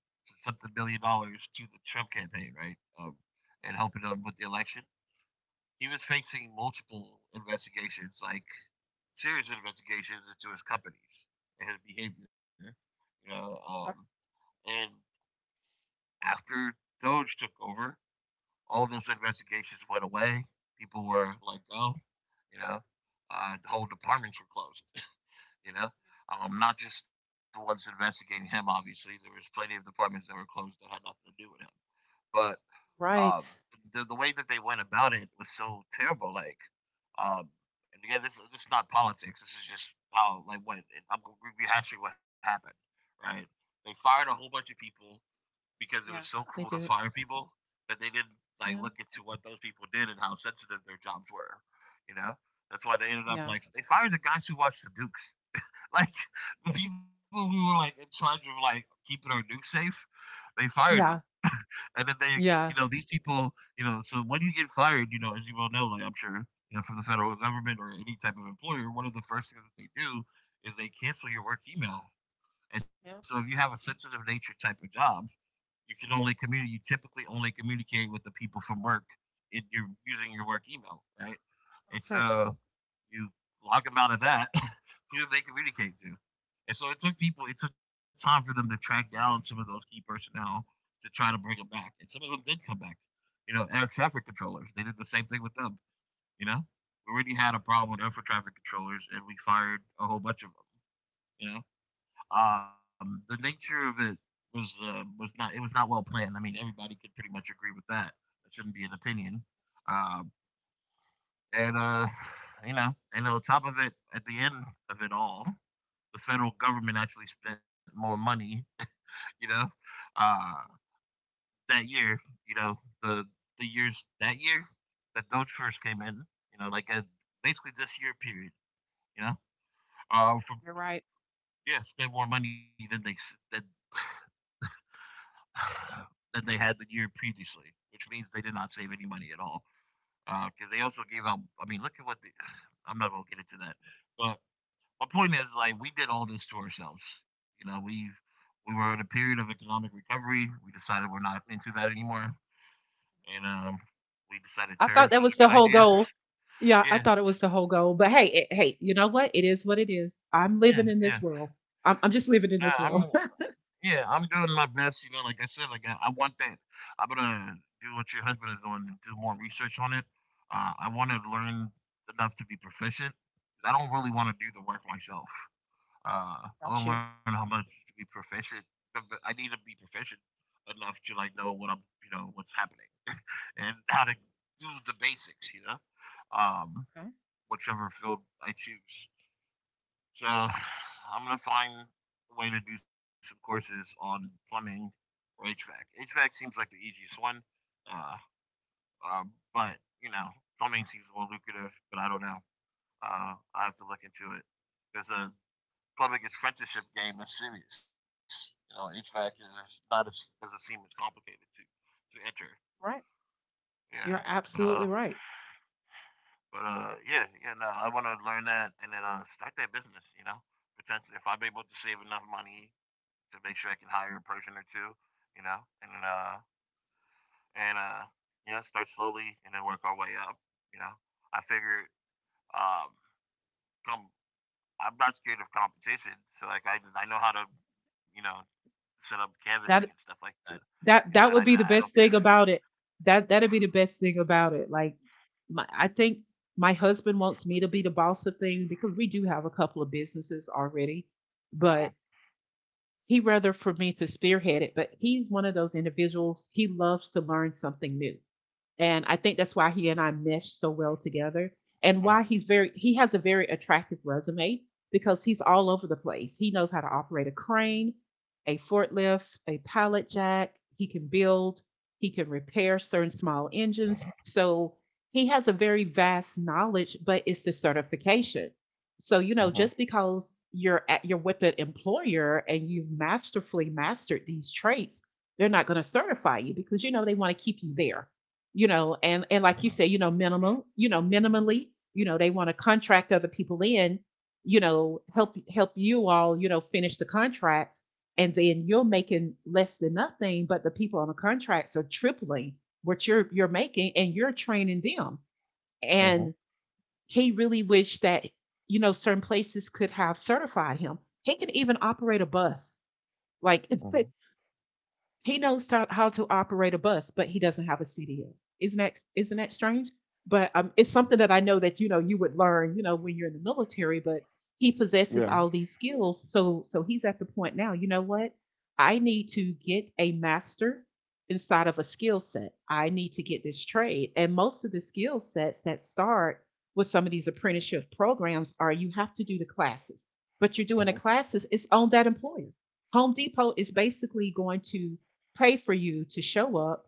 S1: something billion dollars to the Trump campaign, right? Um, and helping them with the election, he was facing multiple investigations, like serious investigations into his companies and his behavior. You know, um,
S2: R
S1: and after Doge took over, all of those investigations went away. People were let go. You know, uh, the whole departments were closed. You know, um, not just the ones investigating him. Obviously, there was plenty of departments that were closed that had nothing to do with him. But um,
S2: right.
S1: the the way that they went about it was so terrible. Like, Um, and again, this this is not politics. This is just how like what I'm gonna give you actually what happened, right? They fired a whole bunch of people because it was
S2: Yeah,
S1: so cool to
S2: they did.
S1: fire people that they didn't like
S2: Yeah,
S1: look into what those people did and how sensitive their jobs were. You know, that's why they ended up
S2: yeah,
S1: like they fired the guys who watched the Dukes, like the people who were like in charge of like keeping our Duke safe. They fired them,
S2: yeah,
S1: and then they, you know,
S2: yeah.
S1: these people, you know, so when you get fired, you know, as you well know, like I'm sure, you know, from the federal government or any type of employer, one of the first things that they do is they cancel your work email. And so if you
S2: Yeah,
S1: have a sensitive nature type of job, you can only communicate, you typically only communicate with the people from work in your using your work email, right? And
S2: right.
S1: so you log them out of that, who do they communicate to? And so it took people, it took time for them to track down some of those key personnel to try to bring them back. And some of them did come back. You know, air traffic controllers, they did the same thing with them. You know, we already had a problem with air traffic controllers, and we fired a whole bunch of them. You know, um, the nature of it was uh, was not it was not well planned. I mean, everybody could pretty much agree with that. That shouldn't be an opinion. Uh, and uh, you know, and on top of it, at the end of it all, the federal government actually spent more money, you know, uh, that year, you know, the the years that year that Doge first came in, you know, like a, basically this year period, you know, uh, from
S2: You're right.
S1: yeah, spent more money than they than than they had the year previously, which means they did not save any money at all because uh, they also gave out. I mean, look at what the, I'm not gonna get into that, but my point is like we did all this to ourselves. You know, we we were in a period of economic recovery. We decided we're not into that anymore, and um, we decided
S2: I thought
S1: tariffs
S2: that
S1: was
S2: was
S1: a
S2: the
S1: good
S2: whole
S1: idea.
S2: goal. Yeah, I
S1: Yeah,
S2: thought it was the whole goal. But hey, it, hey, you know what? It is what it is. I'm
S1: yeah,
S2: living in
S1: yeah.
S2: this world. I'm, I'm just
S1: Yeah,
S2: living
S1: I'm
S2: in this world.
S1: yeah, I'm doing my best. You know, like I said, like I, I want that. I'm gonna do what your husband is doing and do more research on it. Uh, I want to learn enough to be proficient. I don't really want to do the work myself. Uh, I
S2: Got
S1: want to
S2: you.
S1: learn how much to be proficient. but- but I need to be proficient enough to like know what I'm, you know, what's happening and how to do the basics, you know, um,
S2: Okay.
S1: whichever field I choose. So I'm gonna find a way to do some courses on plumbing or H V A C. H V A C seems like the easiest one, uh, um, but you know, plumbing seems more lucrative. But I don't know. Uh, I have to look into it because uh, public apprenticeship game is serious. You know, H V A C is not as doesn't seem as complicated to to enter.
S2: Right.
S1: Yeah,
S2: You're
S1: but uh,
S2: absolutely right.
S1: but uh, yeah, yeah. No, I want to learn that and then uh, start that business. You know, potentially if I'm able to save enough money to make sure I can hire a person or two. You know, and then uh, and uh, you know, start slowly and then work our way up. You know, I figured um, come. I'm not scared of competition, so like I, I know how to you know Set up canvassing and stuff like
S2: That
S1: that, you know, and I
S2: that
S1: know
S2: that
S1: I
S2: would
S1: don't.
S2: be the best thing about it. That that'd be the best thing about it. Like my, I think my husband wants me to be the boss of things because we do have a couple of businesses already. But he rather for me to spearhead it, but he's one of those individuals, he loves to learn something new. And I think that's why he and I mesh so well together, and why he's very he has a very attractive resume because he's all over the place. He knows how to operate a crane, a forklift, a pallet jack, he can build, he can repair certain small engines. So he has a very vast knowledge, but it's the certification. So, you
S1: Mhm,
S2: know,
S1: mhm, mhm,
S2: just because you're at you're with an employer and you've masterfully mastered these traits, they're not going to certify you, because you know they want to keep you there, you know, and and like you said, you know, minimal, you know, minimally, you know, they want to contract other people in, you know, help help you all, you know, finish the contracts, and then you're making less than nothing, but the people on the contracts are tripling what you're you're making, and you're training them.
S1: mhm,
S2: And he really wished that you know certain places could have certified him. He can even operate a bus, like
S1: mhm.
S2: He knows to, how to operate a bus, but he doesn't have a C D L. Isn't that isn't that strange? But um, it's something that I know that you know you would learn, you know, when you're in the military. But he possesses
S1: Yeah,
S2: all these skills, so so he's at the point now. You know what? I need to get a master inside of a skill set. I need to get this trade, and most of the skill sets that start with some of these apprenticeship programs are you have to do the classes, but you're doing the
S1: mhm,
S2: classes. It's on that employer. Home Depot is basically going to pay for you to show up,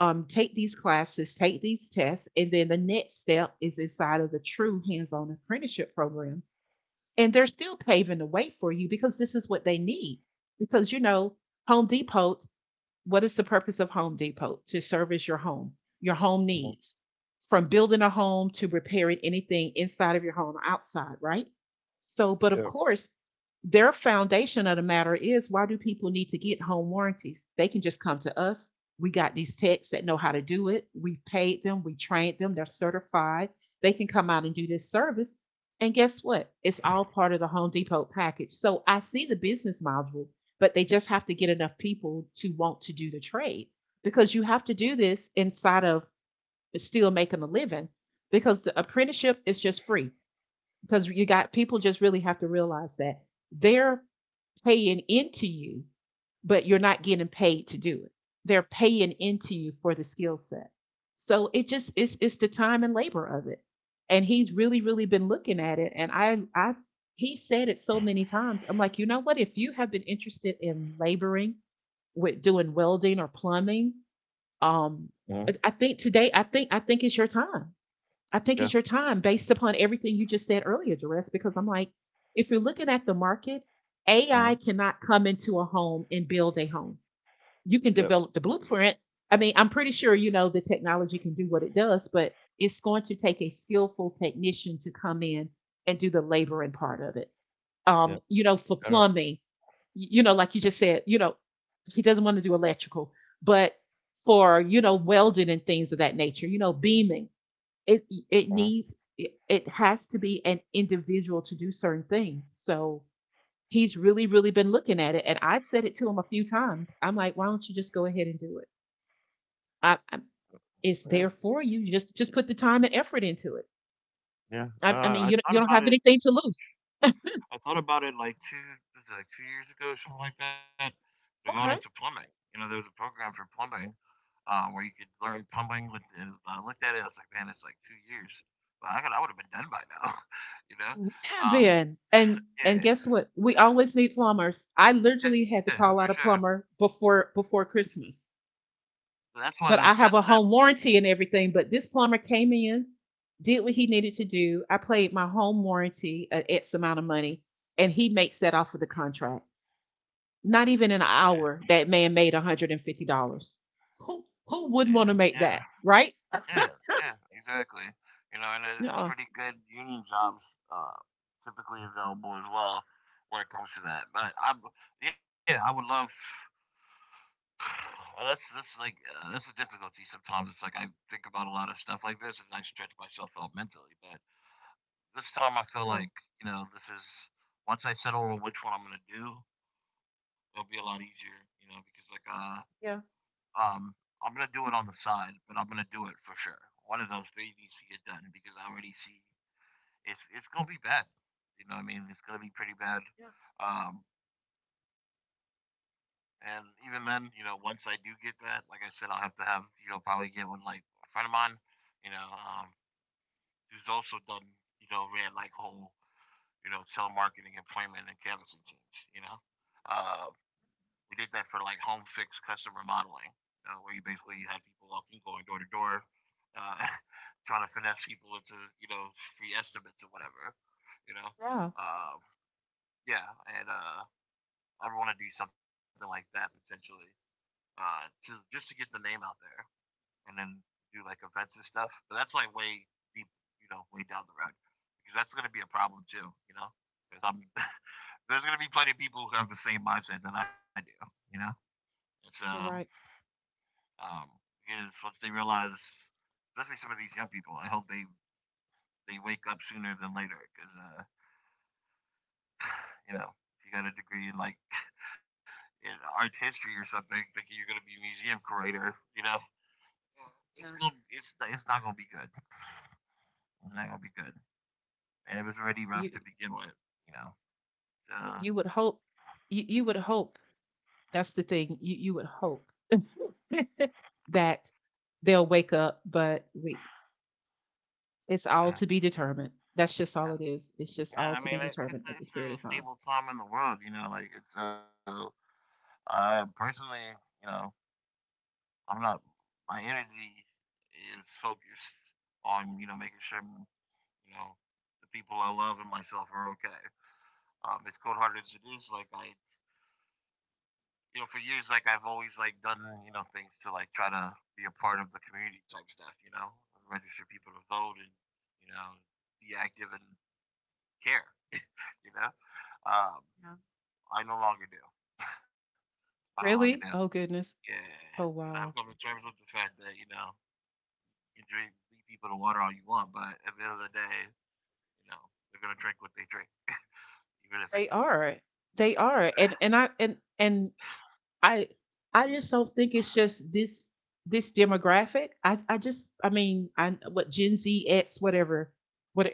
S2: um, take these classes, take these tests, and then the next step is inside of the true hands on apprenticeship program. And they're still paving the way for you because this is what they need. Because, you know, Home Depot, what is the purpose of Home Depot? To service your home, your home
S1: mhm,
S2: needs, from building a home to repairing anything inside of your home or outside, right? So, but of
S1: yep,
S2: course, their foundation of the matter is why do people need to get home warranties? They can just come to us. We got these techs that know how to do it. We paid them, we trained them, they're certified. They can come out and do this service. And guess what? It's all part of the Home Depot package. So I see the business module, but they just have to get enough people to want to do the trade because you have to do this inside of still making a living, because the apprenticeship is just free, because you got people just really have to realize that their paying into you, but you're not getting paid to do it. They're paying into you for the skill set. So it just it's it's the time and labor of it. And he's really, really been looking at it. And I I he said it so many times. I'm like, you know what? If you have been interested in laboring with doing welding or plumbing, um
S1: mhm,
S2: I think today, I think I think it's your time. I think
S1: yeah,
S2: it's your time based upon everything you just said earlier, Jerez, because I'm like, if you're looking at the market, A I
S1: mhm,
S2: cannot come into a home and build a home. You
S1: yep,
S2: can develop the blueprint. I mean, I'm pretty sure you know the technology can do what it does, but it's going to take a skillful technician to come in and do the laboring part of it. Um,
S1: yep,
S2: you know, for
S1: uh,
S2: plumbing, you know, like you just said, you know, he doesn't want to do electrical, but for, you know, welding and things of that nature, you know, beaming, it
S1: mhm,
S2: it needs it, it has to be an individual to do certain things. So he's really, really been looking at it, and I've said it to him a few times. I'm like, why don't you just go ahead and do it? I, I it's
S1: yeah,
S2: there for you. Just just put the time and effort into it.
S1: yeah. No,
S2: I, I mean,
S1: I I
S2: you don't-
S1: thought
S2: you don't
S1: about
S2: have
S1: it
S2: anything to lose.
S1: I thought about it, like, two, was it, like, two years ago, something like that, to going into
S2: Okay,
S1: plumbing. You know, there was a program for plumbing, uh, where you could learn plumbing with the I looked at it, I was like, "Man, it's, like, two years." But I could I would've been done by now, you know?
S2: yeah,
S1: Um,
S2: Ben, and and
S1: yeah,
S2: guess what? We always need plumbers. I
S1: yeah,
S2: literally had
S1: for
S2: to call
S1: sure.
S2: out a plumber before before Christmas,
S1: So that's why those
S2: but
S1: that
S2: I have
S1: that
S2: a home warranty and everything. But this plumber came in, did what he needed to do. I paid my home warranty an X amount of money, and he makes that off of the contract. Not even in an
S1: Yeah,
S2: hour, that man made one hundred fifty dollars. Who who wouldn't
S1: yeah,
S2: want to make
S1: yeah,
S2: that, right?
S1: yeah, yeah, exactly. You know, and it, it's
S2: Yeah,
S1: pretty good union jobs, uh, typically available as well when it comes to that. But I, yeah, I would love. Well, that's that's like uh, that's a difficulty sometimes. It's like I think about a lot of stuff like this, and I stretch myself out mentally. But this time, I feel
S2: yeah,
S1: like you know this is once I settle on which one I'm gonna do, it'll be a lot easier. You know, because like uh,
S2: yeah,
S1: Um, I'm gonna do it on the side, but I'm gonna do it for sure. One of those three needs to get done because I already see it's it's gonna be bad. You know what I mean? It's gonna be pretty bad.
S2: yeah,
S1: Um, and even then, you know, once I do get that, like I said, I'll have to have you know probably get one like a friend of mine, you know, um, who's also done you know ran like whole you know, telemarketing employment and canvassing teams, you know. Uh, we did that for like home fix customer modeling, uh, where you basically had people walking, going door to door, uh, trying to finesse people into, you know, free estimates or whatever, you know.
S2: yeah.
S1: Uh, yeah, and uh, I would want to do something like that potentially, uh, to just to get the name out there, and then do like events and stuff. But that's like way deep, you know, way down the road because that's going to be a problem too, you know. Because I'm there's gonna be plenty of people who have the same mindset that I do. You know, it's uh,
S2: You're right.
S1: um, is once they realize, especially some of these young people, I hope they they wake up sooner than later because uh, you know, if you got a degree in like in art history or something, thinking you're gonna be a museum curator, you know, it's gonna
S2: Yeah,
S1: it's it's not gonna be good. It's not gonna be good, and it was already rough
S2: you
S1: to begin with. You know, so
S2: you would hope, you, you would hope, that's the thing. You you would hope that they'll wake up, but we It's all
S1: yeah,
S2: to be determined. That's just all
S1: yeah,
S2: it is. It's just
S1: yeah.
S2: all
S1: I
S2: to be
S1: mean, it,
S2: determined
S1: it's
S2: at this
S1: it's
S2: period of
S1: a
S2: time.
S1: stable time in the world. You know, like it's uh Uh, personally, you know, I'm not. My energy is focused on you know making sure you know the people I love and myself are okay. Um, as cold hearted as it is, like I, you know, for years, like I've always like done you know things to like try to be a part of the community type stuff. You know, register people to vote, and you know be active and care. You know, um,
S2: Yeah.
S1: I no longer do. I no longer do.
S2: Really? Oh goodness.
S1: Yeah, and
S2: Oh
S1: I've come to
S2: wow.
S1: terms with the fact that you know you drink lead people to water all you want, but at the end of the day, you know, they're gonna drink what they drink, even if it's.
S2: They are. They are. And and I and and I I just don't think it's just this this demographic. I I just I mean I what Gen Z X whatever what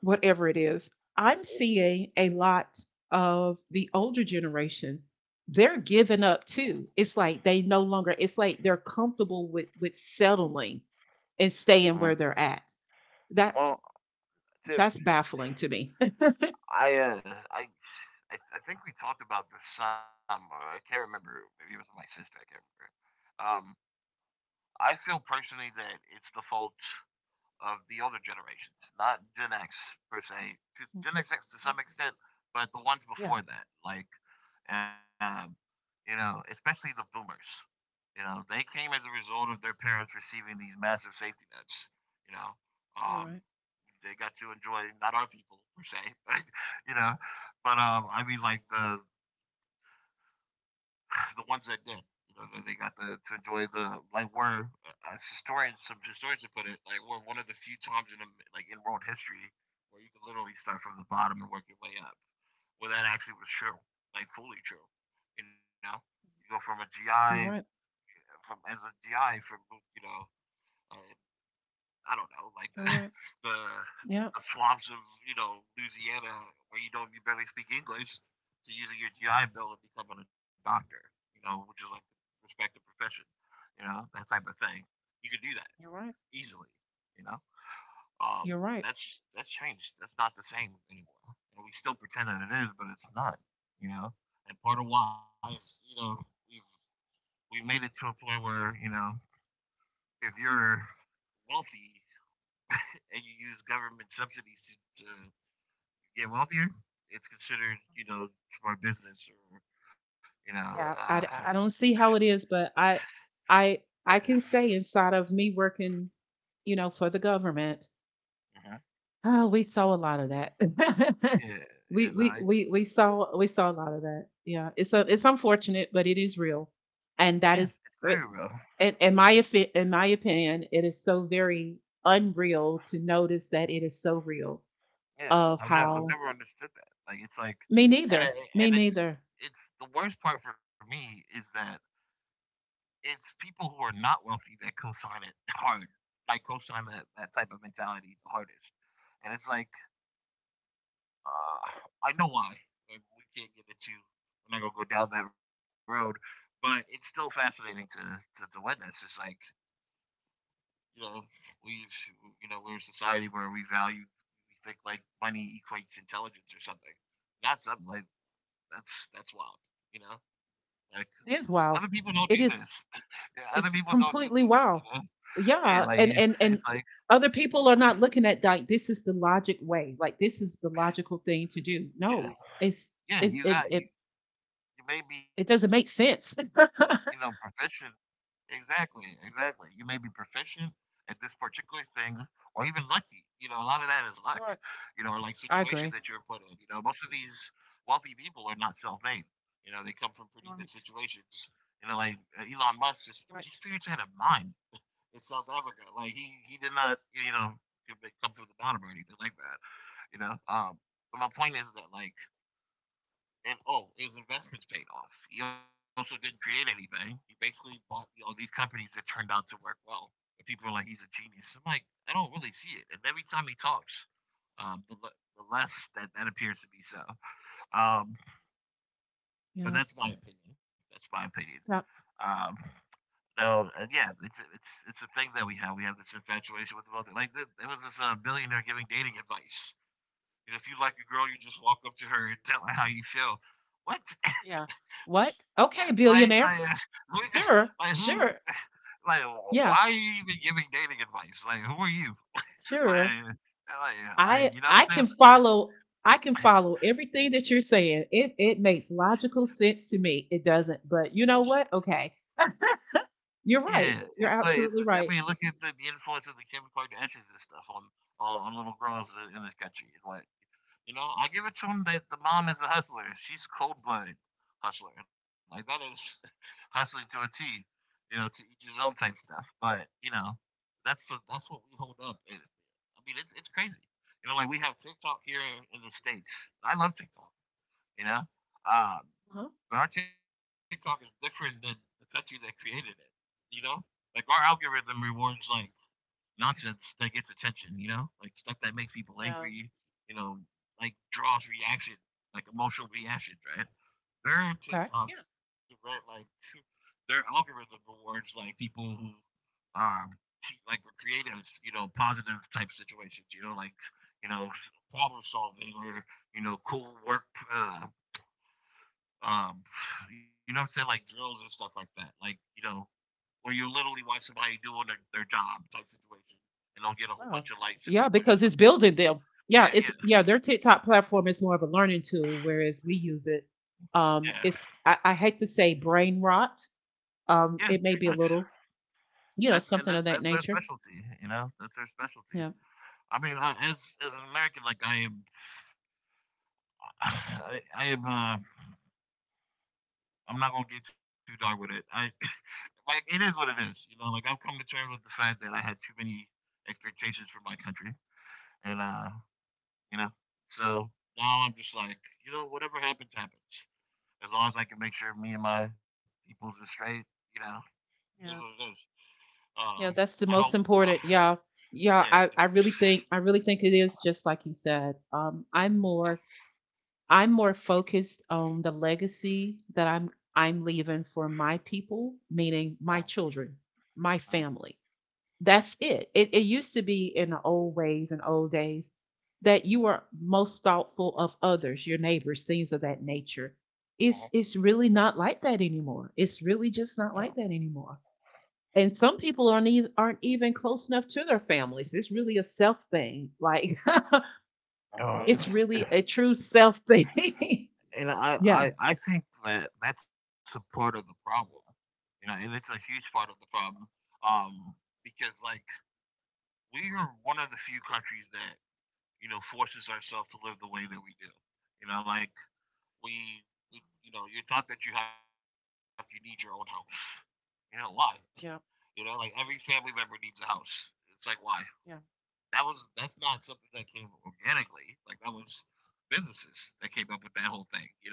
S2: whatever it is, I'm seeing a lot of the older generation. They're giving up too. It's like they no longer. It's like they're comfortable with with settling and
S1: Mhm.
S2: staying where they're at. That
S1: Well. Tip,
S2: that's baffling to me.
S1: I, uh, I, I, I think we talked about this some. Or I can't remember. Maybe it was my sister. I can't remember. Um, I feel personally that it's the fault of the older generations, not Gen X per se. To- Gen X to some extent, but the ones
S2: Yeah,
S1: before that, like, um, you know, especially the boomers. You know, they came as a result of their parents receiving these massive safety nets. You know,
S2: you're
S1: um,
S2: right.
S1: they got to enjoy not our people per se, right? You know, but um, I mean like the the ones that did. You know, they got to, to enjoy the like we're uh, as historians, some historians have put it like we're one of the few times in like in world history where you can literally start from the bottom and work your way up. Well, that actually was true, like fully true. You know, you go from a
S2: You're
S1: G I
S2: right.
S1: from as a G I from you know um, I don't know like
S2: You're
S1: the
S2: right.
S1: the
S2: Yeah,
S1: the swamps of you know Louisiana where you don't you barely speak English to using your G I Bill and becoming a doctor, you know, which is like respect the profession, you know, that type of thing. You could do that
S2: you're right.
S1: easily, you know. Um,
S2: You're right.
S1: that's that's changed. That's not the same anymore, and we still pretend that it is, but it's not, you know. And part of why is you know we've we made it to a point where you know if you're wealthy and you use government subsidies to, to get wealthier, it's considered, you know, smart business or, you know,
S2: Yeah,
S1: uh,
S2: I, I don't see how it is, but I I I
S1: yeah.
S2: can say inside of me working, you know, for the government.
S1: Mhm.
S2: Oh, we saw a lot of that.
S1: Yeah, yeah,
S2: We
S1: no,
S2: we we
S1: it's,
S2: we saw we saw a lot of that. Yeah. It's a, it's unfortunate, but it is real.
S1: yeah,
S2: And that
S1: it's
S2: is
S1: very real.
S2: but in, in my affi- in my opinion, it is so very unreal to notice that it is so real
S1: Yeah,
S2: of
S1: I've never, I've
S2: how
S1: never understood that. Like, it's like,
S2: Me
S1: and
S2: neither.
S1: it,
S2: Me
S1: and it's,
S2: neither.
S1: it's the worst part for me is that it's people who are not wealthy that co-sign it hard. Like co-sign that, that type of mentality the hardest. And it's like Uh, I know why, and we can't get into. We're not gonna go down that road, but it's still fascinating to to, to witness. It's like you know we've you know we're in a society where we value we think like money equates intelligence or something. Not something like that's that's wild. You know, like
S2: It is,
S1: other people
S2: wow.
S1: don't do
S2: It
S1: this.
S2: is
S1: Yeah, other people
S2: It's
S1: don't do
S2: completely,
S1: this. You know.
S2: wow.
S1: Yeah, like
S2: Yeah,
S1: it-
S2: and and
S1: it's
S2: and
S1: like
S2: other people are not looking at like this is the logic way, like this is the logical thing to do.
S1: yeah,
S2: No, it's
S1: yeah.
S2: it's
S1: You
S2: it
S1: got you.
S2: it,
S1: You may be
S2: it
S1: you know
S2: doesn't make
S1: proficient.
S2: sense.
S1: Exactly, exactly. You may be proficient at this particular thing or even lucky. You know, a lot of that is luck, you know, or like situation that you're put in. You
S2: I
S1: know, most
S2: agree.
S1: of these wealthy people are not self made. You know, they come from pretty good
S2: You're
S1: situations.
S2: right.
S1: You know, like uh, Elon Musk, just his parents had a
S2: You're right.
S1: mine in South Africa. Like, he, he did not, you know, come come from the bottom or anything like that, you know. Um, but my point is that, like, and oh, his investments paid off. He also didn't create anything. He basically bought all these companies that turned out to work well. But people are like, he's a genius. I'm like, I don't really see it. And every time he talks, um, the, the less that that appears to be so. Um, but
S2: Yeah.
S1: that's my opinion. That's my opinion.
S2: Yeah.
S1: Um, no, and yeah, it's it's it's a thing that we have. We have this infatuation with the wealthy. Like th- there was this uh, billionaire giving dating advice. And if you like a girl, you just walk up to her and tell her how you feel. What?
S2: Yeah. What?
S1: Yeah, like
S2: Okay,
S1: like, uh,
S2: billionaire.
S1: who like,
S2: Sure.
S1: who
S2: Sure.
S1: like, why are
S2: Yeah.
S1: you even giving dating advice? Like, who are you? Like uh,
S2: Sure.
S1: like uh, like, you
S2: I
S1: know what I'm
S2: I
S1: saying?
S2: can follow I can follow everything that you're saying. It it makes logical sense to me. It doesn't. But you know what? Okay. You're
S1: Yeah,
S2: right.
S1: it's
S2: You're
S1: like it's I
S2: absolutely
S1: mean,
S2: right.
S1: look at the the influence of the Kim Kardashians and stuff on on on little girls in in this country. Like, you know, I give it to them that the mom is a hustler. She's cold-blooded hustler. Like, that is hustling to a T, you know, to each his own type stuff. But, you know, that's the that's what we hold up. I mean, it's it's crazy. You know, like we have TikTok here in, in the states. I love TikTok. You know, uh,
S2: Uh-huh.
S1: but our TikTok is different than the country that created it. You know, like our algorithm rewards like nonsense that gets attention, you know? Like stuff that makes people angry,
S2: Yeah.
S1: you know, like draws reaction, like emotional reactions, right? Their
S2: Okay.
S1: TikToks,
S2: Yeah.
S1: right? Like their algorithm rewards like people who um like were creative, you know, positive type situations, you know, like, you know, problem solving or, you know, cool work uh, um you know what I'm saying, like drills and stuff like that. Like, you know, where you literally watch somebody doing their, their job type situation and they'll get a whole
S2: Wow.
S1: bunch of lights and
S2: Yeah,
S1: be pushed
S2: because
S1: to the
S2: it's building
S1: foreground.
S2: them. Yeah,
S1: Yeah,
S2: it's
S1: yeah,
S2: yeah, their TikTok platform is more of a learning tool, whereas we use it. Um,
S1: yeah,
S2: it's I, I hate to say brain rot.
S1: yeah.
S2: Um,
S1: Pretty
S2: it
S1: much.
S2: may be a little,
S1: That's
S2: you know,
S1: and that,
S2: something
S1: that's
S2: of
S1: their
S2: that nature.
S1: specialty. You know, that's their specialty.
S2: Yeah.
S1: I mean, I, as as an American, like I am, I, I am. Uh, I'm not gonna get too dark with it. I like it is what it is. You know, like I've come to terms with the fact that I had too many expectations from my country, and uh, you know, so now I'm just like, you know, whatever happens, happens, as long as I can make sure me and my peoples are straight, you know, it is what it
S2: Yeah.
S1: is. Um,
S2: Yeah, that's
S1: I
S2: the
S1: hope,
S2: most
S1: uh,
S2: important. Yeah. Yeah,
S1: yeah,
S2: I, I really
S1: 'cause-
S2: think I really think it is just like you said. Um, I'm more I'm more focused on the legacy that I'm I'm leaving for my people,
S1: uh,
S2: meaning my children, my
S1: uh,
S2: family. That's it. It, it used to be, in the old ways and old days, that you were most thoughtful of others, your neighbors, things of that nature.
S1: uh,
S2: It's it's really not like that anymore. It's really
S1: uh,
S2: just not like that anymore. And some people aren't even, aren't even, close enough to their families. It's really a self thing. Like
S1: uh,
S2: it's
S1: it's-
S2: really a true self thing.
S1: and I,
S2: yeah.
S1: I, I think that that's a part of the problem, you know, and it's a huge part of the problem, um, because like we are one of the few countries that you know forces ourselves to live the way that we do, you know, like we, we you know, you're taught that you have to you need your own house, you know, why? You know,
S2: Yeah,
S1: like every family member needs a house. It's like why?
S2: yeah,
S1: That was that's not something that came organically. Like that was businesses that came up with that whole thing. You know,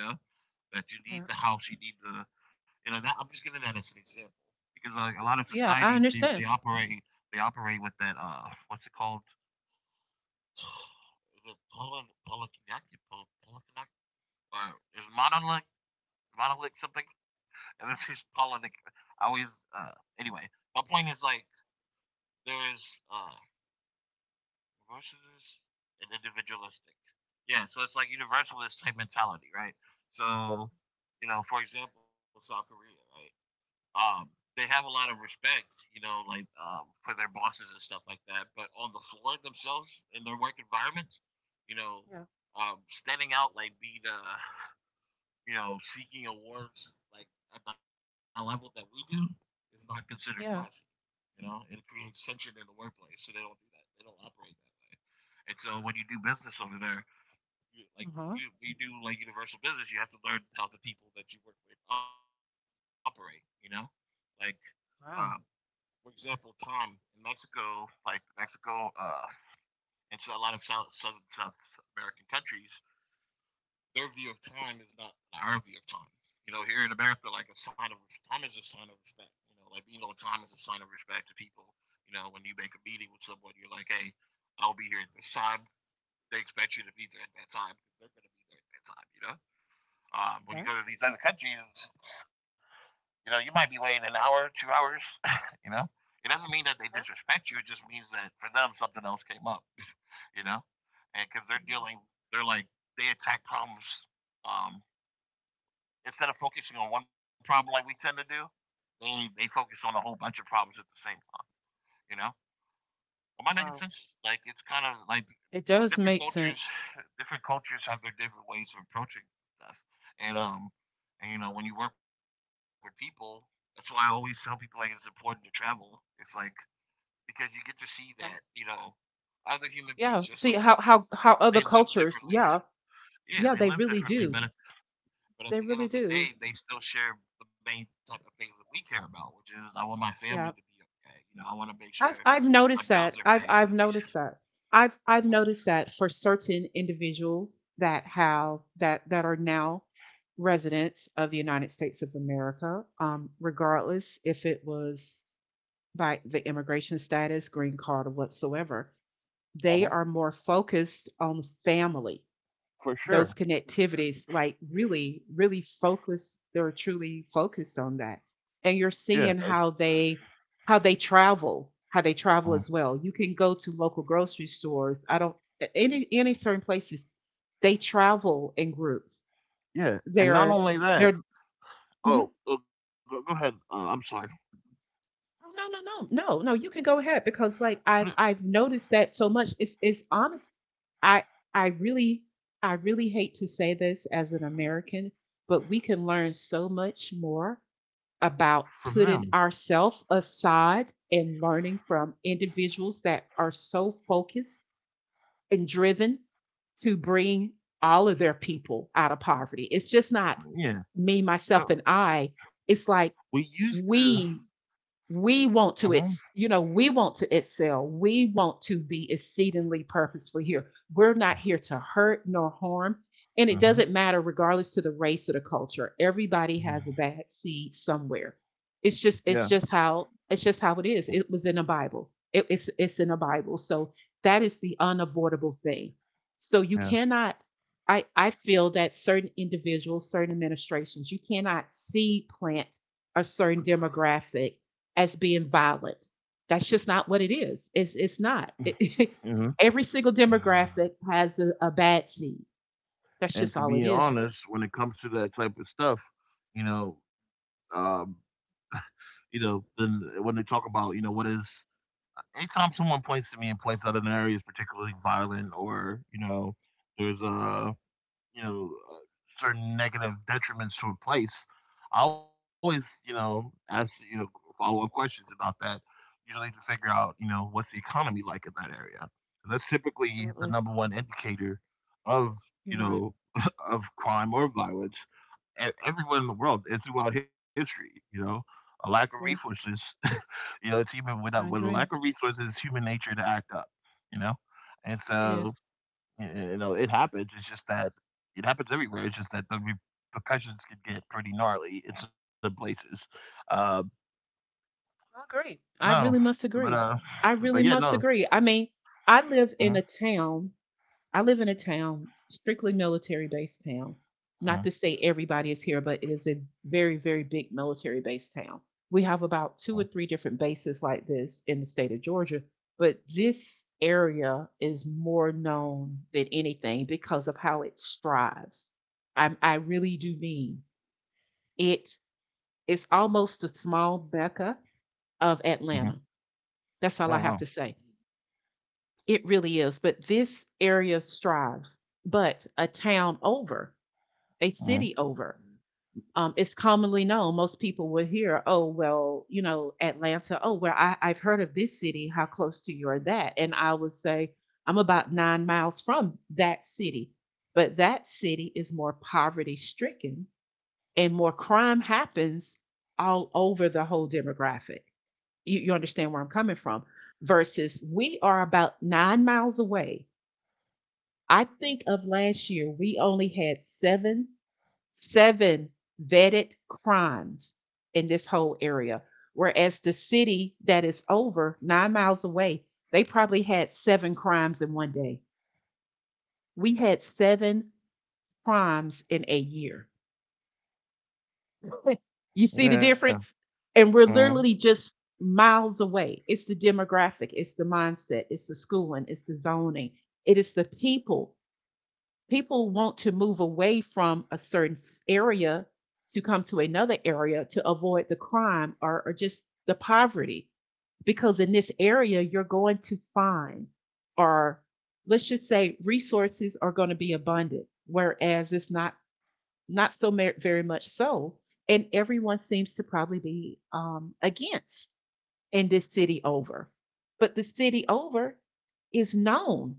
S1: that you need the
S2: yeah.
S1: house, you need the, you know, that, I'm just giving that as an example because like a lot of
S2: Oh, yeah,
S1: societies
S2: I
S1: they, they
S2: understand.
S1: operate they operate with that uh what's it called? Is it polyn polykinetic polykinetic? Or is monolith monolith something? And this is polynic. I always uh anyway. My point is like there is uh evolutionist and individualistic. Yeah, so it's like universalist type mentality, right? So, you know, for example, South Korea, right? Um, they have a lot of respect, you know, like um, for their bosses and stuff like that. But on the floor themselves in their work environment, you know,
S2: Yeah,
S1: um, standing out like be the, you know, seeking awards like at the level that we do is not considered classy.
S2: yeah.
S1: You know, it creates tension in the workplace, so they don't do that. They don't operate that way. And so when you do business over there, you, like
S2: Uh-huh.
S1: you, you do like universal business, you have to learn how the people that you work with operate. You know, like um,
S2: Wow.
S1: for example, Tom in Mexico, like Mexico, uh, and so a lot of South Southern South American countries, their view of time is not our view of time. You know, here in America, like a sign of time is a sign of respect. You know, like being on time is a sign of respect to people. You know, when you make a meeting with someone, you're like, hey, I'll be here at this time. They expect you to be there at that time because they're going to be there at that time. You know, um, when you
S2: Okay.
S1: go to these other countries, you know, you might be waiting an hour, two hours. You know, it doesn't mean that they
S2: Oh,
S1: disrespect you. It just means that for them, something else came up. You know, and because they're
S2: yeah.
S1: dealing, they're like they attack problems um, instead of focusing on one problem like we tend to do. They they focus on a whole bunch of problems at the same time. You know,
S2: Wow.
S1: am I making sense? Like it's kind of
S2: It
S1: like
S2: does make
S1: c- different
S2: sense.
S1: cultures, different cultures have their different ways of approaching stuff. And um, and you know when you work with people, that's why I always tell people like it's important to travel. It's like because you get to
S2: Okay.
S1: see that you know other human
S2: Yeah.
S1: beings
S2: See
S1: just
S2: how
S1: like
S2: how
S1: you,
S2: how other
S1: they live
S2: cultures, yeah.
S1: differently.
S2: Yeah, they
S1: Yeah, they
S2: really
S1: live
S2: do.
S1: differently, but at,
S2: They really
S1: but at the end
S2: do.
S1: of the day, they still share the main type of things that we care about, which is I want my
S2: Yeah.
S1: family to be okay. You know, I want to
S2: I've
S1: make
S2: I've
S1: sure
S2: noticed that.
S1: my
S2: I've
S1: bills
S2: I've
S1: are paid.
S2: noticed that. I've I've noticed that for certain individuals that have that that are now residents of the United States of America, um, regardless if it was by the immigration status, green card, or whatsoever. They are
S1: Uh-huh,
S2: more focused on family,
S1: for
S2: those
S1: sure.
S2: connectivities, like really, really focused. They're truly focused on that. And you're
S1: Yeah,
S2: seeing
S1: it's
S2: how they how they travel, how they travel
S1: uh,
S2: as well. You can go to local grocery stores. I don't any any certain places. They travel in groups.
S1: yeah, and not
S2: They're
S1: only that.
S2: they're mhm.
S1: Oh, oh, go, go ahead. Uh, I'm sorry.
S2: Oh, no, no, no, no, no. You can go ahead because like
S1: Uh,
S2: I've I've noticed that so much. It's it's honest. I I really I really hate to say this as an American, but we can learn so much more
S1: From
S2: about
S1: them,
S2: putting ourselves aside and learning from individuals that are so focused and driven to bring all of their people out of poverty. It's just not
S1: yeah.
S2: me,
S1: No,
S2: myself, and I. It's
S1: we
S2: like
S1: used to.
S2: we we want
S1: Uh-huh,
S2: to ex- you know we want to excel, we want to be exceedingly purposeful here. We're not here to hurt nor harm, and it
S1: uh-huh.
S2: doesn't matter regardless to the race or the culture. Everybody has a bad seed somewhere. it's
S1: Yeah,
S2: just it's just how it's just how it is. It was in the Bible. It- it's it's in the Bible, so that is the unavoidable thing. So you
S1: yeah.
S2: cannot. I i feel that certain individuals, certain administrations, you cannot seed plant a certain demographic as being violent. That's just not what it is. It's it's not. It,
S1: hmm
S2: every single demographic has a, a bad seed. That's just
S1: And to
S2: all it
S1: be
S2: is.
S1: honest, when it comes to that type of stuff, you know, um, you know, then uh, when they talk about, you know, what is uh, anytime someone points to me and points out an area is particularly violent or you know, there's a you know uh, certain negative detriments to a place. I always, you know, ask, you know, follow-up questions about that, usually to figure out, you know, what's the economy like in that area, 'cause that's typically the number
S2: Absolutely.
S1: one indicator of,
S2: You're
S1: you
S2: right.
S1: know, of crime or violence e- everywhere in the world and throughout history, you know, a lack of
S2: I agree.
S1: resources. You know, it's human without a, with a
S2: I
S1: lack of
S2: agree.
S1: resources, it's human nature to act up, you know. And
S2: It is.
S1: so you, you know, it happens. It's just that it happens everywhere. It's just that the repercussions can get pretty gnarly in some places. Uh,
S2: I agree.
S1: no,
S2: I really must
S1: but uh,
S2: agree. I
S1: but yeah,
S2: really
S1: no.
S2: must agree. I mean, I live
S1: Hmm.
S2: in a town I live in a town, strictly military based town. Not
S1: Hmm.
S2: to say everybody is here, but it is a very, very big military based town. We have about two or three different bases like this in the state of Georgia, but this area is more known than anything because of how it strives. I, I really do mean it. it is almost a small Mecca of
S1: Hmm.
S2: Atlanta. That's
S1: Oh
S2: all I have
S1: wow.
S2: to say. It really is. But this area strives, but a town over, a
S1: Hmm.
S2: city over. Um, it's commonly known. Most people will hear, oh, well, you know, Atlanta, oh, well, I, I've heard of this city. How close to you are that? And I would say, I'm about nine miles from that city. But that city is more poverty stricken and more crime happens all over the whole demographic. You, you understand where I'm coming from? Versus we are about nine miles away. I think of last year, we only had seven, seven vetted crimes in this whole area. Whereas the city that is over nine miles away, they probably had seven crimes in one day. We had seven crimes in a year. You see the
S1: Yeah.
S2: difference? And we're
S1: Hmm.
S2: literally just miles away. It's the demographic, it's the mindset, it's the schooling, it's the zoning, it is the people. People want to move away from a certain area to come to another area to avoid the crime or, or just the poverty, because in this area you're going to find, or let's just say, resources are going to be abundant, whereas it's not, not so, very much so. And everyone seems to probably be, um, against, in this city over. But the city over is known.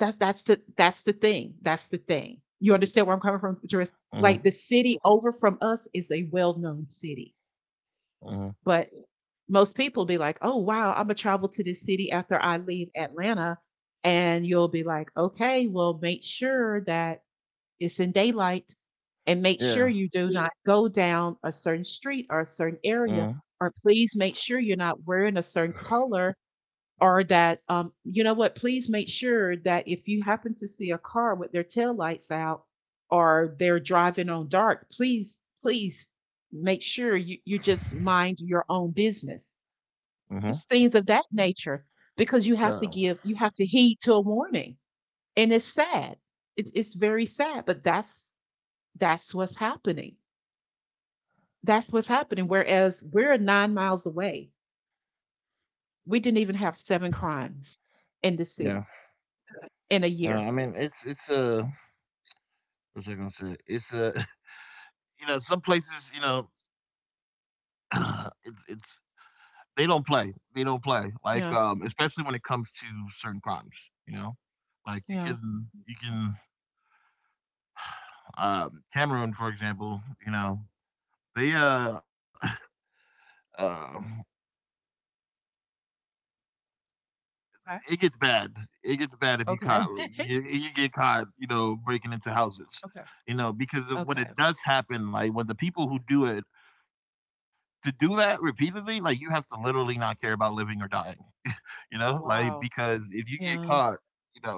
S2: That's that's the that's the thing. That's the thing. You understand where I'm coming from, Jerris?
S1: Hmm.
S2: Like the city over from us is a well-known city,
S1: Hmm.
S2: but most people be like, "Oh wow, I'm gonna travel to this city after I leave Atlanta," and you'll be like, "Okay, well, make sure that it's in daylight, and make sure
S1: Yeah.
S2: you do, yeah, not go down a certain street or a certain
S1: Hmm.
S2: area, or please make sure you're not wearing a certain color, or that, um, you know what, please make sure that if you happen to see a car with their tail lights out or they're driving on dark, please, please make sure you, you just mind your own business."
S1: Hmm.
S2: It's things of that nature, because you have to
S1: No.
S2: give, you have to heed to a warning. And it's sad, it's, it's very sad, but that's that's what's happening, that's what's happening. Whereas we're nine miles away, we didn't even have seven crimes in the city
S1: Yeah.
S2: in a
S1: Uh,
S2: year.
S1: I mean, it's it's uh, what's I gonna say? It's uh, you know, some places, you know, it's it's they don't play. They don't play. Like,
S2: Yeah.
S1: um, especially when it comes to certain crimes, you know? Like you
S2: Yeah.
S1: can you can um Cameroon, for example, you know, they uh um
S2: Okay.
S1: it gets bad. It gets bad if you
S2: Okay.
S1: caught you, you get caught, you know, breaking into houses.
S2: Okay.
S1: You know, because of when
S2: Okay.
S1: it does happen, like when the people who do it to do that repeatedly, like you have to literally not care about living or dying, you know? Like
S2: Oh,
S1: because
S2: wow.
S1: if you get caught,
S2: Yeah.
S1: you know,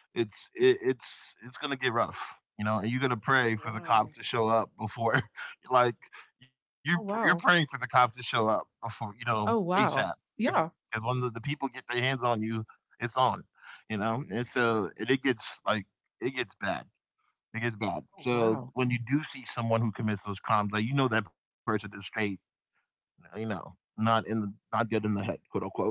S1: it's it, it's it's gonna get rough, you know. And you're gonna
S2: Oh,
S1: pray for the
S2: wow.
S1: cops to show up before, like you're you're
S2: Oh,
S1: praying for the
S2: wow.
S1: cops to show up before, you know,
S2: Oh,
S1: ASAP.
S2: wow.
S1: If
S2: Yeah.
S1: Because when the, the people get their hands on you, it's on, you know. And so and it gets like it gets bad. It gets bad.
S2: Oh,
S1: So
S2: wow.
S1: when you do see someone who commits those crimes, like you know that person is straight, you know, not in the not good in the head, quote unquote.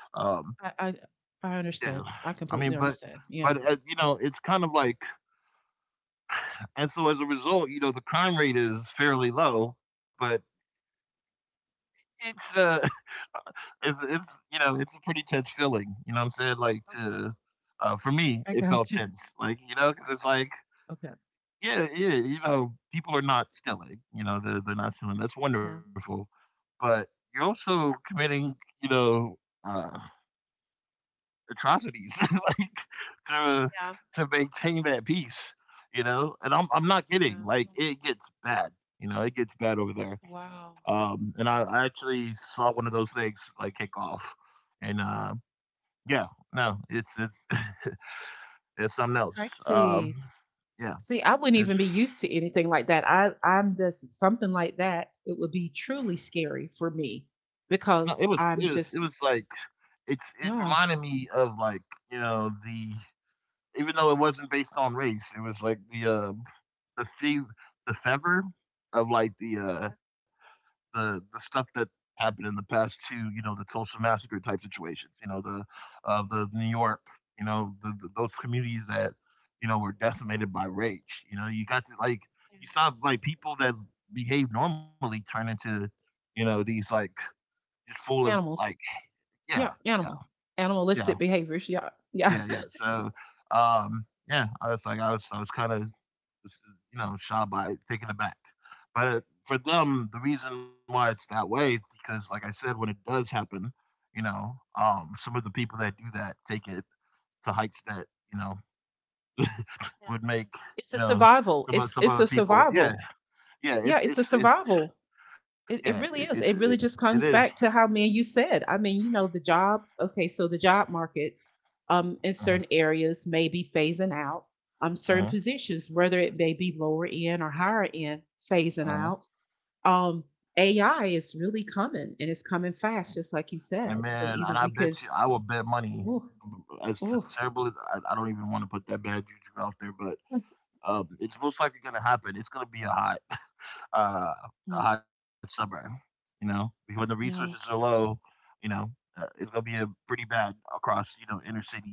S1: Um,
S2: I, I, I
S1: yeah,
S2: understand. I
S1: I mean,
S2: completely
S1: but
S2: understand. Yeah.
S1: but uh, you know, it's kind of like. And so as a result, you know, the crime rate is fairly low, but it's uh it's it's you know, it's a pretty tense feeling, you know what I'm saying? Like
S2: Okay.
S1: to uh For me,
S2: I
S1: it felt
S2: got you.
S1: tense. Like, you know, because it's like
S2: Okay.
S1: yeah, yeah, you know, people are not stealing, you know, they're they're not stealing. That's
S2: Yeah.
S1: wonderful. But you're also committing, you know, uh atrocities like to
S2: Yeah.
S1: to maintain that peace, you know. And i'm i'm not kidding,
S2: Yeah.
S1: like it gets bad, you know, it gets bad over there.
S2: Wow.
S1: um and i, I actually saw one of those things like kick off. And uh, Yeah, no it's it's it's something else. um
S2: Crazy.
S1: yeah
S2: See, I wouldn't
S1: it's,
S2: even be used to anything like that. I, I'm just something like that. It would be truly scary for me
S1: no, it was
S2: because
S1: it was
S2: I'm
S1: it was
S2: just,
S1: like, it's it
S2: yeah.
S1: reminded me of like, you know, the, even though it wasn't based on race, it was like the uh the fev the fever of like the, uh, the the stuff that happened in the past to, you know, the Tulsa massacre type situations, you know, the, uh, the New York, you know, the, the, those communities that, you know, were decimated by rage. You know, you got to, like,
S2: Yeah.
S1: you saw like people that behave normally turn into, you know, these like just full of like,
S2: Animals.
S1: yeah,
S2: Yeah,
S1: yeah,
S2: animal.
S1: yeah,
S2: Animalistic behaviors. Yeah. Yeah.
S1: yeah, yeah. So, um, yeah, I was like, I was, I was kind of, you know, shot by taken aback. But for them, the reason why it's that way is because, like I said, when it does happen, you know, um, some of the people that do that take it to heights that, you know,
S2: Yeah.
S1: would make,
S2: It's a
S1: you know,
S2: survival.
S1: some
S2: It's
S1: of some
S2: it's a
S1: other people. Yeah,
S2: survival.
S1: yeah,
S2: Yeah,
S1: it's
S2: it's a
S1: it's it's
S2: survival.
S1: yeah,
S2: It it
S1: it
S2: really
S1: it
S2: is.
S1: it,
S2: It really just
S1: it is.
S2: comes back to how me and you said. I mean, you know, the jobs, okay, so the job markets, um in
S1: Uh-huh,
S2: certain areas, may be phasing out. Um certain
S1: uh-huh,
S2: positions, whether it may be lower end or higher end, phasing
S1: uh-huh.
S2: out. Um A I is really coming and it's coming fast, just like you
S1: And
S2: said. So
S1: man, and
S2: either
S1: I
S2: we
S1: bet
S2: could,
S1: you, I will bet money.
S2: oh,
S1: As
S2: oh,
S1: terrible as I, I don't even want to put that bad juju out there, but um, it's most likely going to happen. It's going to be a hot, uh, a
S2: yeah,
S1: hot summer. You know, when the resources are
S2: yeah.
S1: low, you know, uh, it's gonna be a pretty bad across, you know, inner cities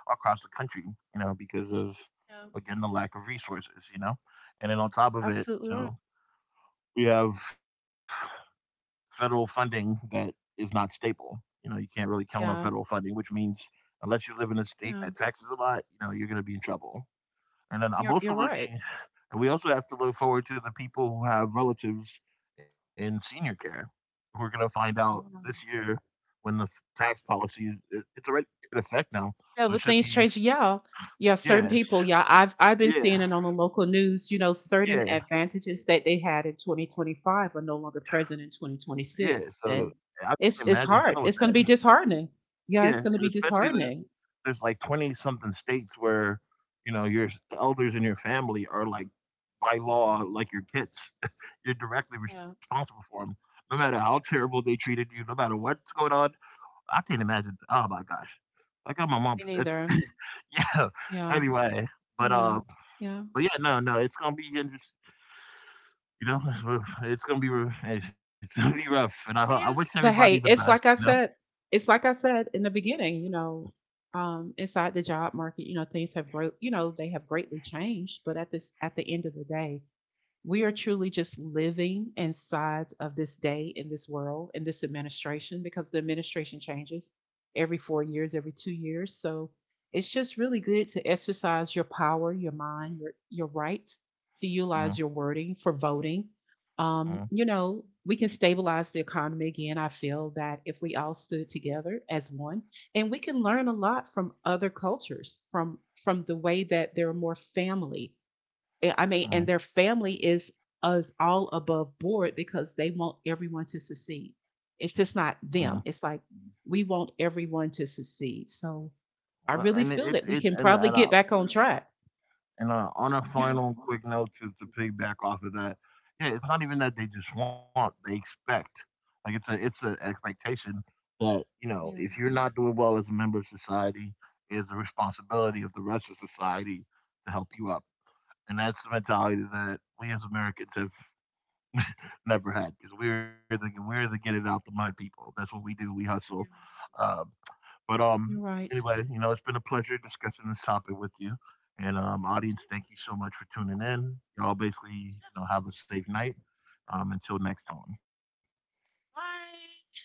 S1: across the country. You know, because of,
S2: Yeah.
S1: again, the lack of resources. You know, and then on top of it,
S2: Absolutely
S1: you
S2: right.
S1: know, we have federal funding that is not stable. You know, you can't really count on federal
S2: Yeah,
S1: funding, which means unless you live in a state that
S2: yeah,
S1: taxes a lot, you know, you're gonna be in trouble. And then I'm
S2: you're you're
S1: also
S2: right.
S1: looking and we also have to look forward to the people who have relatives in senior care. We're going to find out
S2: Yeah.
S1: this year when the f- tax policy is it, it's already in effect now,
S2: Yeah,
S1: so it
S2: with
S1: should
S2: things
S1: be
S2: changing, yeah, yeah. Certain
S1: yes,
S2: people, yeah, I've I've been
S1: yeah,
S2: seeing it on the local news. You know, certain
S1: yeah,
S2: advantages that they had in twenty twenty-five are no longer present in
S1: yeah.
S2: twenty twenty-six,
S1: So
S2: and
S1: I can
S2: it's
S1: imagine
S2: it's
S1: dealing with
S2: hard. It's
S1: that.
S2: going to be disheartening. Yeah,
S1: Yeah,
S2: it's going to
S1: and
S2: be
S1: especially there's
S2: disheartening.
S1: there's like twenty something states where, you know, your elders in your family are like by law like your kids. You're directly
S2: Yeah,
S1: responsible for them. No matter how terrible they treated you, no matter what's going on, I can't imagine. Oh my gosh, I got my
S2: me
S1: mom's.
S2: neither.
S1: Yeah.
S2: Yeah,
S1: Anyway, but
S2: yeah,
S1: um,
S2: yeah.
S1: but yeah, no, no, it's gonna be interesting. You know, it's rough. It's gonna be rough. Hey, it's gonna be rough, and I I wish
S2: Yes,
S1: everybody
S2: but
S1: the
S2: hey,
S1: best.
S2: it's
S1: You
S2: like I
S1: know.
S2: said, it's like I said in the beginning, you know, um, inside the job market, you know, things have great, you know, they have greatly changed, but at this, at the end of the day, we are truly just living inside of this day, in this world, in this administration, because the administration changes every four years, every two years. So it's just really good to exercise your power, your mind, your, your right to
S1: Mhm,
S2: utilize your wording for voting. Um,
S1: mhm,
S2: you know, we can stabilize the economy again. I feel that if we all stood together as one, and we can learn a lot from other cultures, from from the way that they're more family, yeah, I mean, and
S1: mm,
S2: their family is us all above board because they want everyone to succeed. It's just not
S1: mhm.
S2: them. It's like we want everyone to succeed. So I
S1: Well,
S2: really
S1: And it-
S2: feel that
S1: it's
S2: we
S1: it
S2: can
S1: and
S2: probably
S1: and
S2: get
S1: uh,
S2: back on track.
S1: And uh, on a
S2: Yeah.
S1: final quick note to, to piggyback off of that, yeah, it's not even that they just want; they expect. Like it's a it's an expectation that, you know,
S2: Yeah.
S1: if you're not doing well as a member of society, it's the responsibility of the rest of society to help you up. And that's the mentality that we as Americans have never had, because we're the we're the get it out the mud people. That's what we do. We hustle.
S2: Yeah.
S1: Um, but, um,
S2: You're right.
S1: anyway, you know, it's been a pleasure discussing this topic with you. And, um, audience, thank you so much for tuning in. Y'all basically, you know, have a safe night. Um, until next time.
S2: Bye.